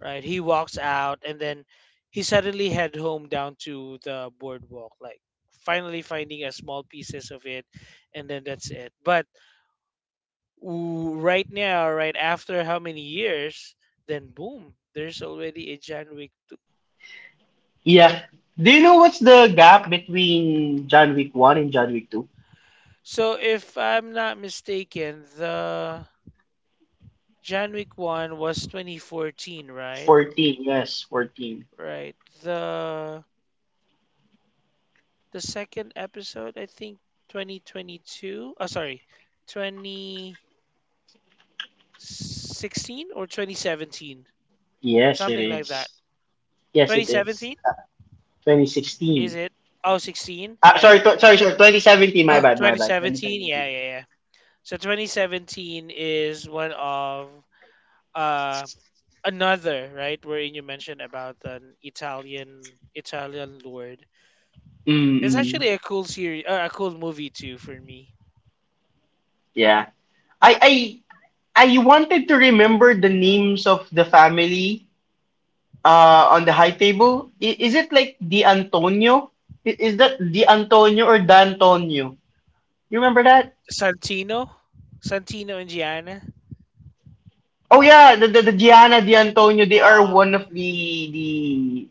right, he walks out and then he suddenly head home down to the boardwalk, like finally finding a small pieces of it, and then that's it. But right now, right after how many years, then boom, there's already a John Wick. Yeah. Do you know what's the gap between John Wick one and John Wick two? So if I'm not mistaken, the John Wick 1 was 2014, right? 14. Yes, 14. Right. The the second episode, I think 2022. Oh, sorry. 2016 or 2017. Yes, it Something like that. is. Yes, it is. 2017? Twenty Is sixteen. it? Oh, 16? Ah, Yeah. Sorry. 2017. My bad, my bad. 2017? Yeah, 2017. yeah, yeah. So 2017 is one of uh another right wherein you mentioned about an Italian lord. It's Mm-mm. actually a cool series, a cool movie too for me. Yeah. I I I wanted to remember the names of the family on the high table. Is it like Di Antonio? Is that Di Antonio or D'Antonio? You remember that? Santino, Santino and Gianna. Oh yeah, the Gianna Di Antonio. They are Ah, one of the the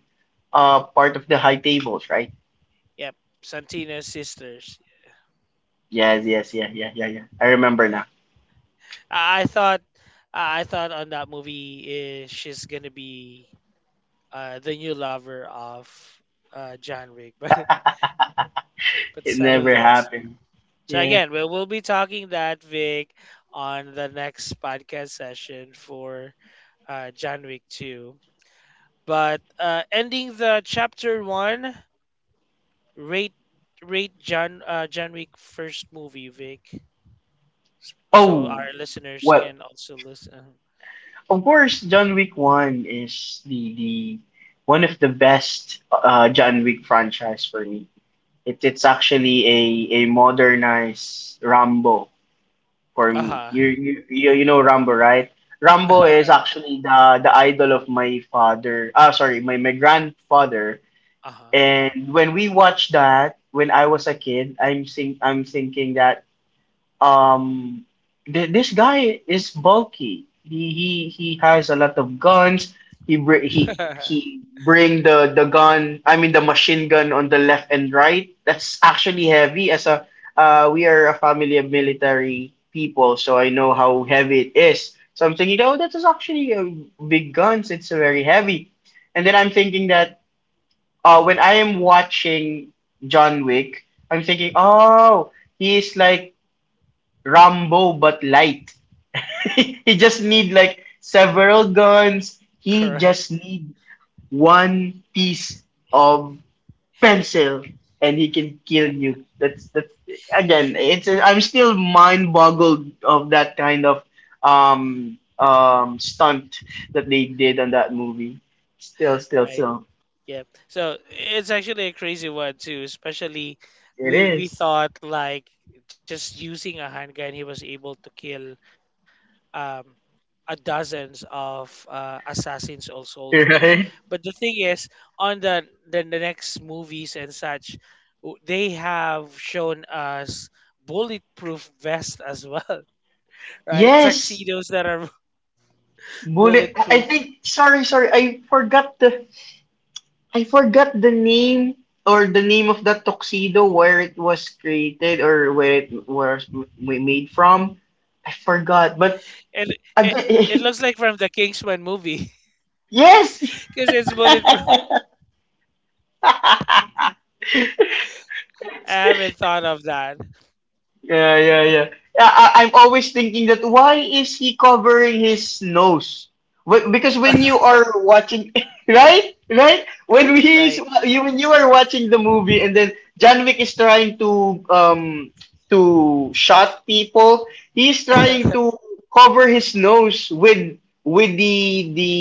part of the high tables, right? yep, Santino's sisters. Yes, yes, yeah. I remember now. I I thought, I thought on that movie, eh, she's gonna be the new lover of John Wick, but It never suddenly it's. Not. happened. So Yeah. again, we'll be talking that Vic on the next podcast session for John Wick 2. But ending the chapter one, rate rate John John Wick first movie, Vic, so Oh, our listeners well, can also listen. of course, John Wick One is the one of the best John Wick franchise for me. It's actually a modernized Rambo for Uh me. huh. You know Rambo, right? Uh Rambo is huh. actually the idol of my father. Ah, sorry, my grandfather. Uh-huh. Wow. And when we watched that when I was a kid, I'm thinking that um this guy is bulky, he has a lot of guns, he br- he bring the gun, I mean the machine gun, on the left and right, that's actually heavy as a, we are a family of military people, so I know how heavy it is. So I'm thinking, oh, that is actually a big guns, it's very heavy. And then I'm thinking that, when I am watching john wick, I'm thinking, oh, he is like Rambo but light. He just need like several guns. He Correct. just need one piece of pencil and he can kill you. That's again. It's, I'm still mind boggled of that kind of stunt that they did on that movie. Still, still, Right. so Yep. So it's actually a crazy one too. Especially, it we is. thought like just using a handgun, he was able to kill um, a dozens of assassins or soldiers. Right. But the thing is, on the next movies and such, they have shown us bulletproof vest as well, right? Yes, Tuxedos that are bullet. I bulletproof, think. Sorry, sorry. I forgot the name or the name of that tuxedo where it was created or where it was we made from. I forgot, but and it it looks again, like from the Kingsman movie yes, because it's bulletproof. it's. I haven't thought of that, Yeah. I'm always thinking, that why is he covering his nose? Because when you are watching, right, right, when we right? you, when you are watching the movie, and then John Wick is trying to shot people, he's trying to cover his nose with the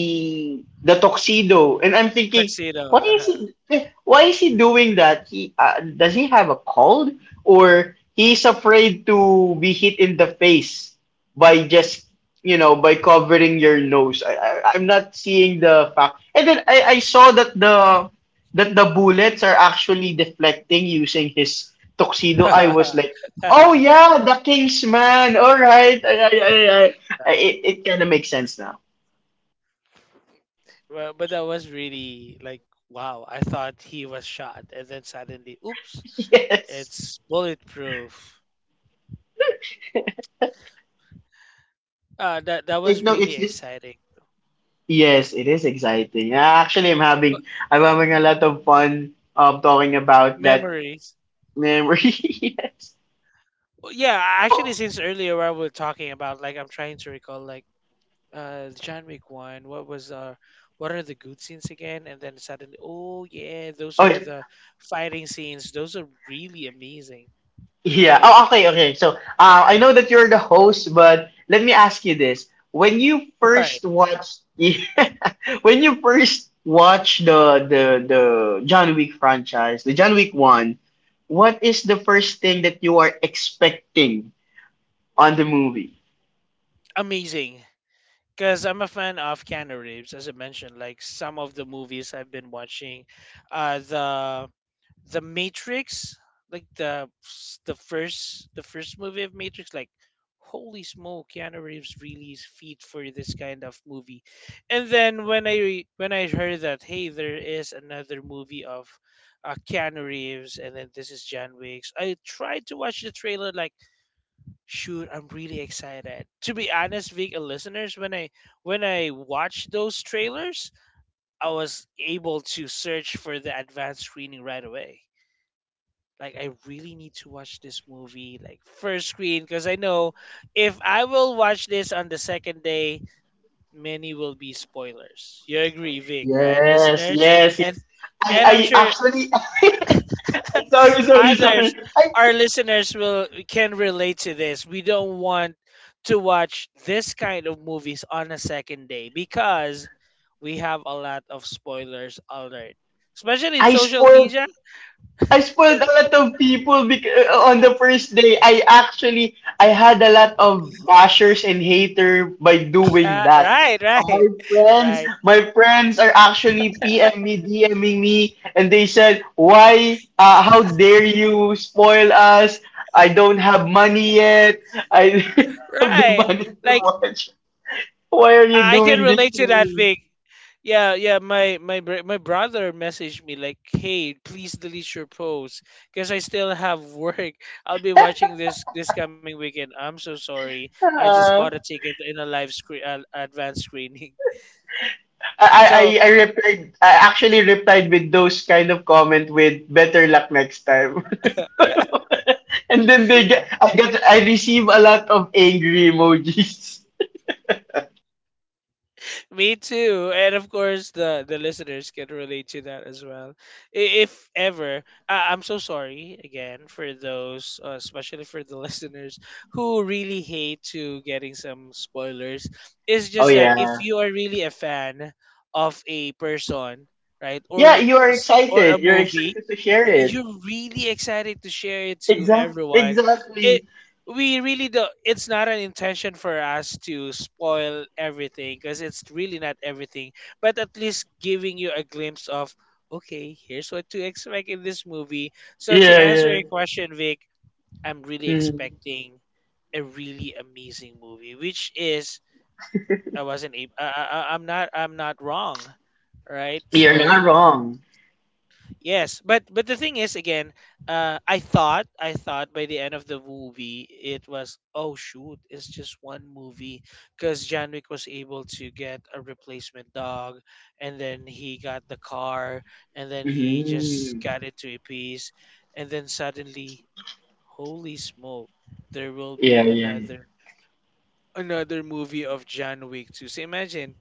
the tuxedo, and I'm thinking, Tuxedo. why is he, why is he doing that? He, does he have a cold? Or he's afraid to be hit in the face by just, you know, by covering your nose. I'm not seeing the fact. And then I saw that the bullets are actually deflecting using his tuxedo. I was like, oh right. yeah, the King's man. All right, it it kind of makes sense now. Well, but that was really like, wow, I thought he was shot, and then suddenly, oops, Yes, it's bulletproof. That that was no, really it's just, exciting. yes, it is exciting. Yeah, actually, But I'm having a lot of fun talking about that. memories. Memory. Yes. Well, yeah, actually, Oh, since earlier where we are talking about, like, I'm trying to recall, like, John Wick one. What was what are the good scenes again? And then suddenly, oh yeah, those are okay. the fighting scenes. Those are really amazing. Yeah. Oh, okay, okay. So, I know that you're the host, but let me ask you this: when you Right, first watched, yeah, when you first watched the John Wick franchise, the John Wick one, what is the first thing that you are expecting on the movie? amazing. Because I'm a fan of Keanu Reeves, as I mentioned, like some of the movies I've been watching, uh, the the Matrix, like the first movie of Matrix, like holy smoke, Keanu Reeves really is fit for this kind of movie. And then when I heard that hey, there is another movie of Keanu Reeves, and then this is John Wick's, I tried to watch the trailer like shoot, I'm really excited. To be honest, Vic, listeners, when I watched those trailers, I was able to search for the advanced screening right away. Like I really need to watch this movie like first screen because I know if I will watch this on the second day, many will be spoilers. You agree, Vic, right, Yes, listeners? yes, yes. And and I'm I sure actually, sorry, sorry, others sorry. Our listeners will can relate to this. We don't want to watch this kind of movies on a second day because we have a lot of spoilers alert, especially in I social spoiled media. I spoiled a lot of people because on the first day I actually I had a lot of bashers and hater by doing that. right, right. My friends, Right, my friends are actually PM me, DMing me, and they said, "Why? How dare you spoil us? I don't have money yet. I don't have the right, money to like watch. Why are you I can doing this relate to to that me?" thing. Yeah, yeah. My brother messaged me like, "Hey, please delete your post because I still have work. I'll be watching this this coming weekend. I'm so sorry. I just bought Ah. a ticket in a live screen, advanced screening." So I actually replied with those kind of comment with better luck next time. and then they get, I receive a lot of angry emojis. me too. And of course, the listeners can relate to that as well. If ever, I'm so sorry again for those, especially for the listeners who really hate to getting some spoilers. It's Oh just that if yeah. you are really a fan of a person, right, Yeah, or you are or a excited. You're movie, excited to right, share it. you're really excited to share it to everyone. Exactly. We really don't, it's not an intention for us to spoil everything because it's really not everything, but at least giving you a glimpse of okay, here's what to expect in this movie. So to Yeah, answer yeah. your question, Vic, I'm really Mhm. expecting a really amazing movie, which is I wasn't able I- I'm not, I'm not wrong, right? You're So not wrong. yes, but the thing is again, I thought by the end of the movie it was oh shoot, it's just one movie because Janwick was able to get a replacement dog, and then he got the car, and then he just Hmm. got into a piece, and then suddenly, holy smoke, there will be Yeah, yeah, yeah. Another movie of John Wick 2. So imagine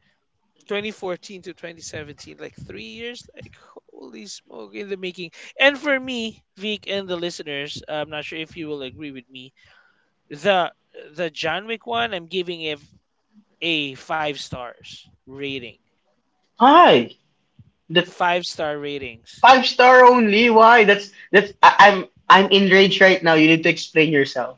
2014 to 2017, like 3 years, like holy smoke in the making. And for me, Vic and the listeners, I'm not sure if you will agree with me. The the John Wick one, I'm giving it a five stars rating. Why? The Five-star ratings. five-star only? Why? That's that's. I'm enraged right now. You need to explain yourself.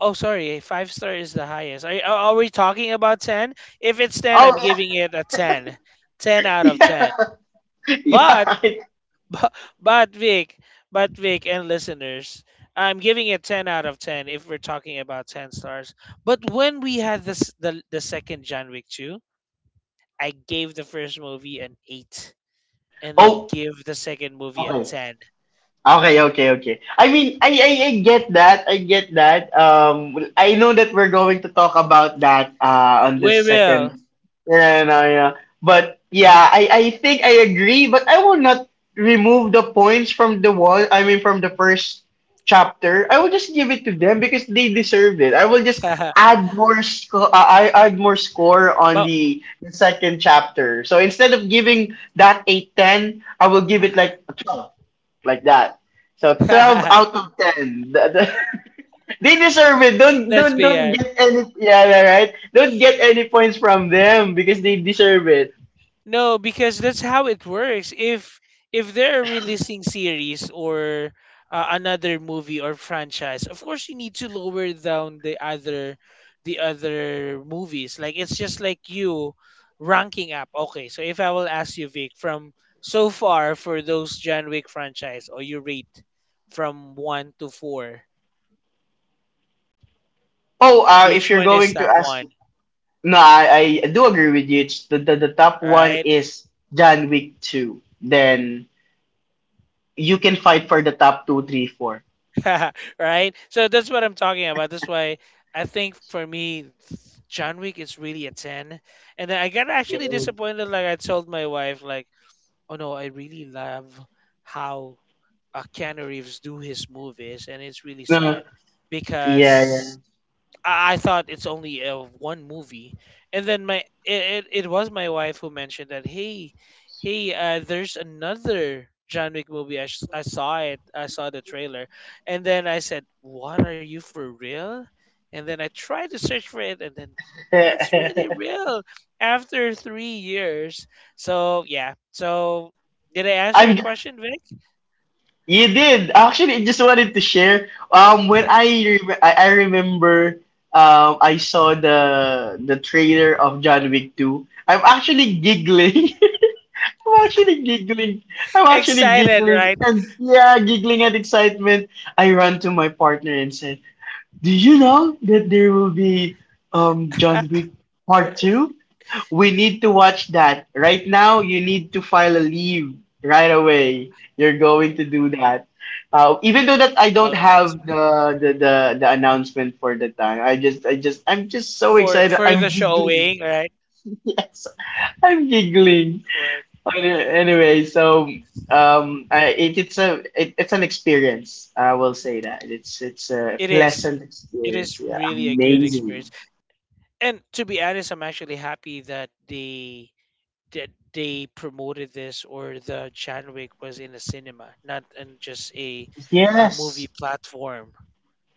Oh, sorry, a five star is the highest. Are we talking about ten? If it's ten, I'm giving it a ten. Ten out of ten. Yeah, yeah. But But Vic, but Vic and listeners, I'm giving it 10 out of 10 if we're talking about 10 stars. But when we had this the second John Wick 2, I gave the first movie an 8 and then oh, give the second movie a okay. 10. Okay, okay, okay. I mean, I get that. I get that. I know that we're going to talk about that on this We will. second. Yeah, no, yeah. But yeah, I think I agree. But I will not remove the points from the wall. I mean, from the first chapter. I will just give it to them because they deserved it. I will just add more score. I add more score on but the second chapter. So instead of giving that a ten, I will give it like a 12 like that. So 12 out of ten. They deserve it. Let's be Don't get any yeah yeah, right. Don't get any points from them because they deserve it. no, because that's how it works. If they're releasing series or another movie or franchise, of course you need to lower down the other movies. Like it's just like you ranking up. Okay, so if I will ask you, Vic, from so far for those John Wick franchise, or you rate from one to four, Oh, if which you're one is going to top ask, one? no, I do agree with you. It's the top one Right? is John Wick two. Then you can fight for the top two, three, four. right? So that's what I'm talking about. That's why I think for me, John Wick is really a 10. And then I got Yeah. actually disappointed. Like I told my wife, like, oh no, I really love how Keanu Reeves do his movies. And it's really No. sad Yeah, because I thought it's only one movie, and then it was my wife who mentioned that hey, hey, there's another John Wick movie. I saw it. I saw the trailer, and then I said, "What are you for real?" And then I tried to search for it, and then it's really yeah. real after 3 years. So yeah. So did I answer your I'm question, Vic? You did. Actually, I just wanted to share. I remember, I saw the trailer of John Wick 2. I'm actually giggling. I'm actually giggling. I'm actually Excited, giggling, right? and yeah, giggling at excitement. I run to my partner and said, "Do you know that there will be John Wick Part 2?" We need to watch that. Right now, you need to file a leave right away. You're Right. going to do that. Even though that I Well, don't I meant have the announcement for the time, I'm just so for excited. the I'm showing, giggling. right? Yes, I'm giggling. Right. Anyway, so it's a it's an experience. I will say that it's a It is. pleasant It experience. is Yeah, really a good amazing. experience. And to be honest, I'm actually happy that they promoted this or the John Wick was in a cinema, not in just a Yes, movie platform.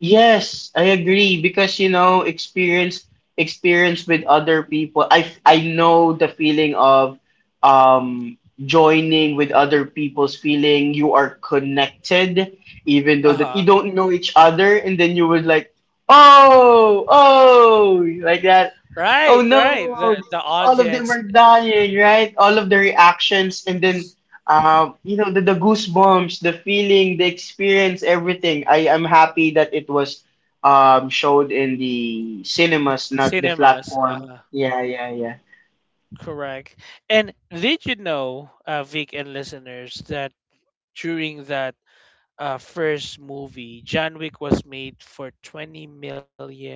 yes, I agree because you know experience with other people. I know the feeling of joining with other people's feeling. You are connected even though that you Uh-huh. don't know each other and then you would like oh oh like that. Right, Oh no, right. The all of them audience are dying, right? All of the reactions, and then, you know, the goosebumps, the feeling, the experience, everything. I am happy that it was showed in the cinemas, not the cinemas. platform. Uh-huh. Yeah, yeah, yeah. Correct. And did you know, Vic and listeners, that during that first movie, John Wick was made for 20 million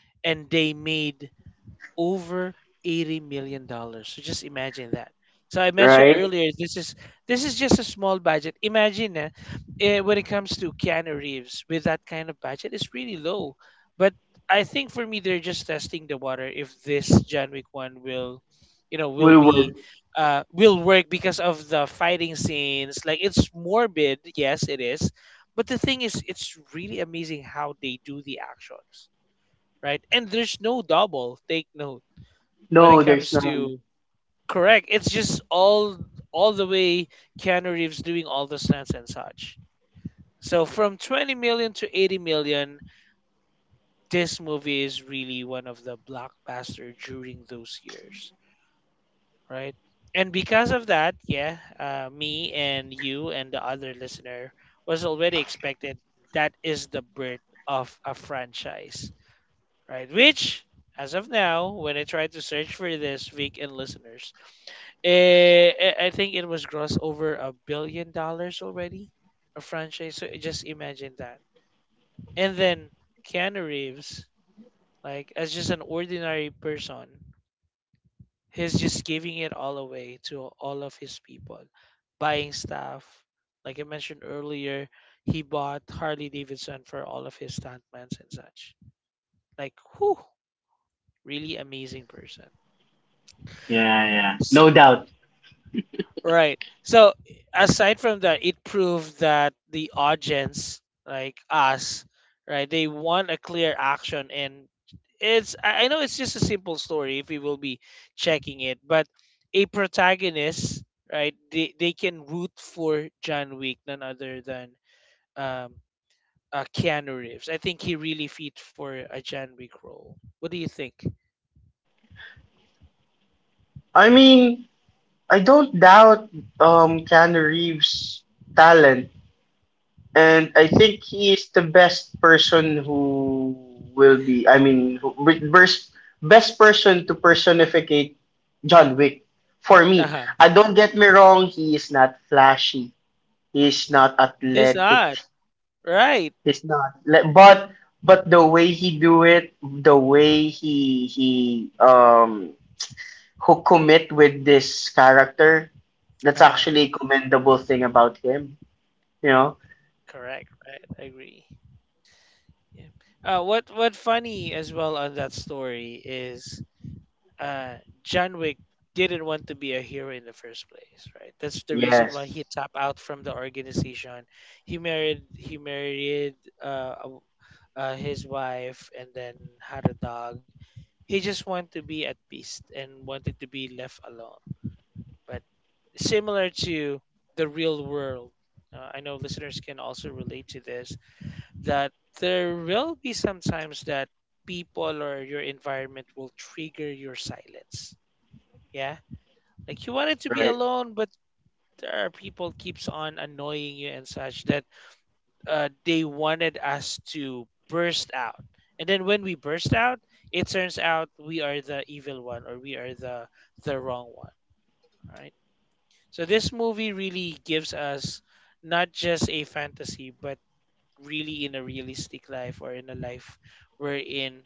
and they made over 80 million dollars. So just imagine that. So I mentioned Right? earlier this is just a small budget. Imagine when it comes to Keanu Reeves with that kind of budget, it's really low. But I think for me they're just testing the water if this John Wick 1 will you know will Will work. be will work because of the fighting scenes. Like it's morbid, yes it is. But the thing is it's really amazing how they do the actions, right? And there's no double take note when No, it there's comes none. to correct. It's just all the way Keanu Reeves doing all the stunts and such. So from 20 million to 80 million, this movie is really one of the blockbuster during those years, right? And because of that, yeah, me and you and the other listener was already expected that is the birth of a franchise, right? Which, as of now, when I tried to search for this, Vic and listeners, eh, I think it was gross over $1 billion already, a franchise. So just imagine that. And then Keanu Reeves, like as just an ordinary person, he's just giving it all away to all of his people, buying stuff. Like I mentioned earlier, he bought Harley Davidson for all of his stuntmen and such. Like, whew, really amazing person. Yeah, yeah. So, No doubt. right. So aside from that, it proved that the audience, like us, right, they want a clear action and it's I know it's just a simple story if we will be checking it, but a protagonist, right, they can root for John Wick, none other than um Keanu Reeves. I think he really fit for a John Wick role. What do you think? I mean, I don't doubt Keanu Reeves' talent. And I think he is the best person who will be. I mean, who, best best person to personificate John Wick for me. Uh-huh. I Don't get me wrong. He is not flashy. He is not It's athletic. not. Right. He's not. Le- But the way he do it, the way he um who commit with this character, that's Uh-huh. actually a commendable thing about him. You know. Correct, right. I agree. Yeah. What funny as well on that story is uh, John Wick didn't want to be a hero in the first place, right? That's the reason why Yes. he tapped out from the organization. He married uh, a w- his wife and then had a dog. He just wanted to be at peace and wanted to be left alone. But similar to the real world, I know listeners can also relate to this that there will be sometimes that people or your environment will trigger your silence. Yeah. Like you wanted to be Right. alone, but there are people keeps on annoying you and such that they wanted us to burst out. And then when we burst out, it turns out we are the evil one or we are the wrong one, right? So this movie really gives us not just a fantasy, but really in a realistic life or in a life wherein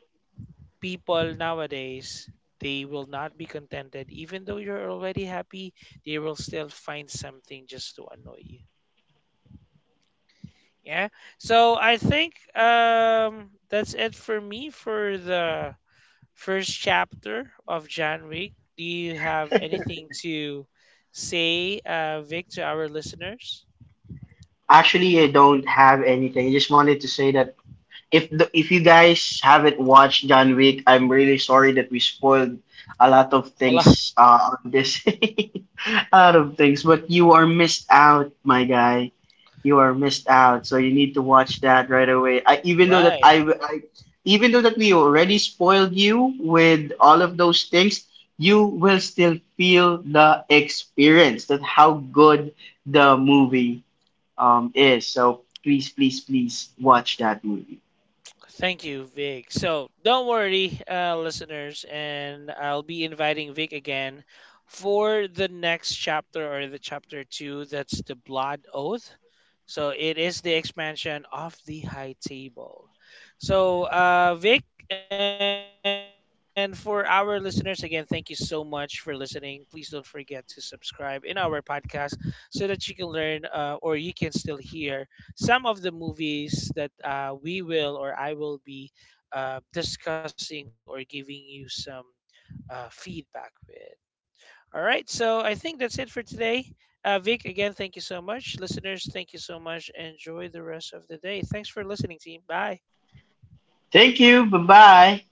people nowadays, they will not be contented even though you're already happy, they will still find something just to annoy you. Yeah. So I think that's it for me for the first chapter of John Wick. Do you have anything to say, Vic, to our listeners? Actually, I don't have anything. I just wanted to say that if you guys haven't watched John Wick, I'm really sorry that we spoiled a lot of A lot, things on this, a lot of things. But you are missed out, my guy. You are missed out. So you need to watch that right away. I, even though that right? I, even though that we already spoiled you with all of those things, you will still feel the experience that how good the movie is. So please, please, please watch that movie. Thank you, Vic. So don't worry, listeners, and I'll be inviting Vic again for the next chapter or the chapter two. That's the Blood Oath. So it is the expansion of the High Table. So, Vic, and for our listeners, again, thank you so much for listening. Please don't forget to subscribe in our podcast so that you can learn or you can still hear some of the movies that we will or I will be discussing or giving you some feedback with. All right, so I think that's it for today. Vic, again, thank you so much. Listeners, thank you so much. Enjoy the rest of the day. Thanks for listening, team. Bye. Thank you. Bye bye.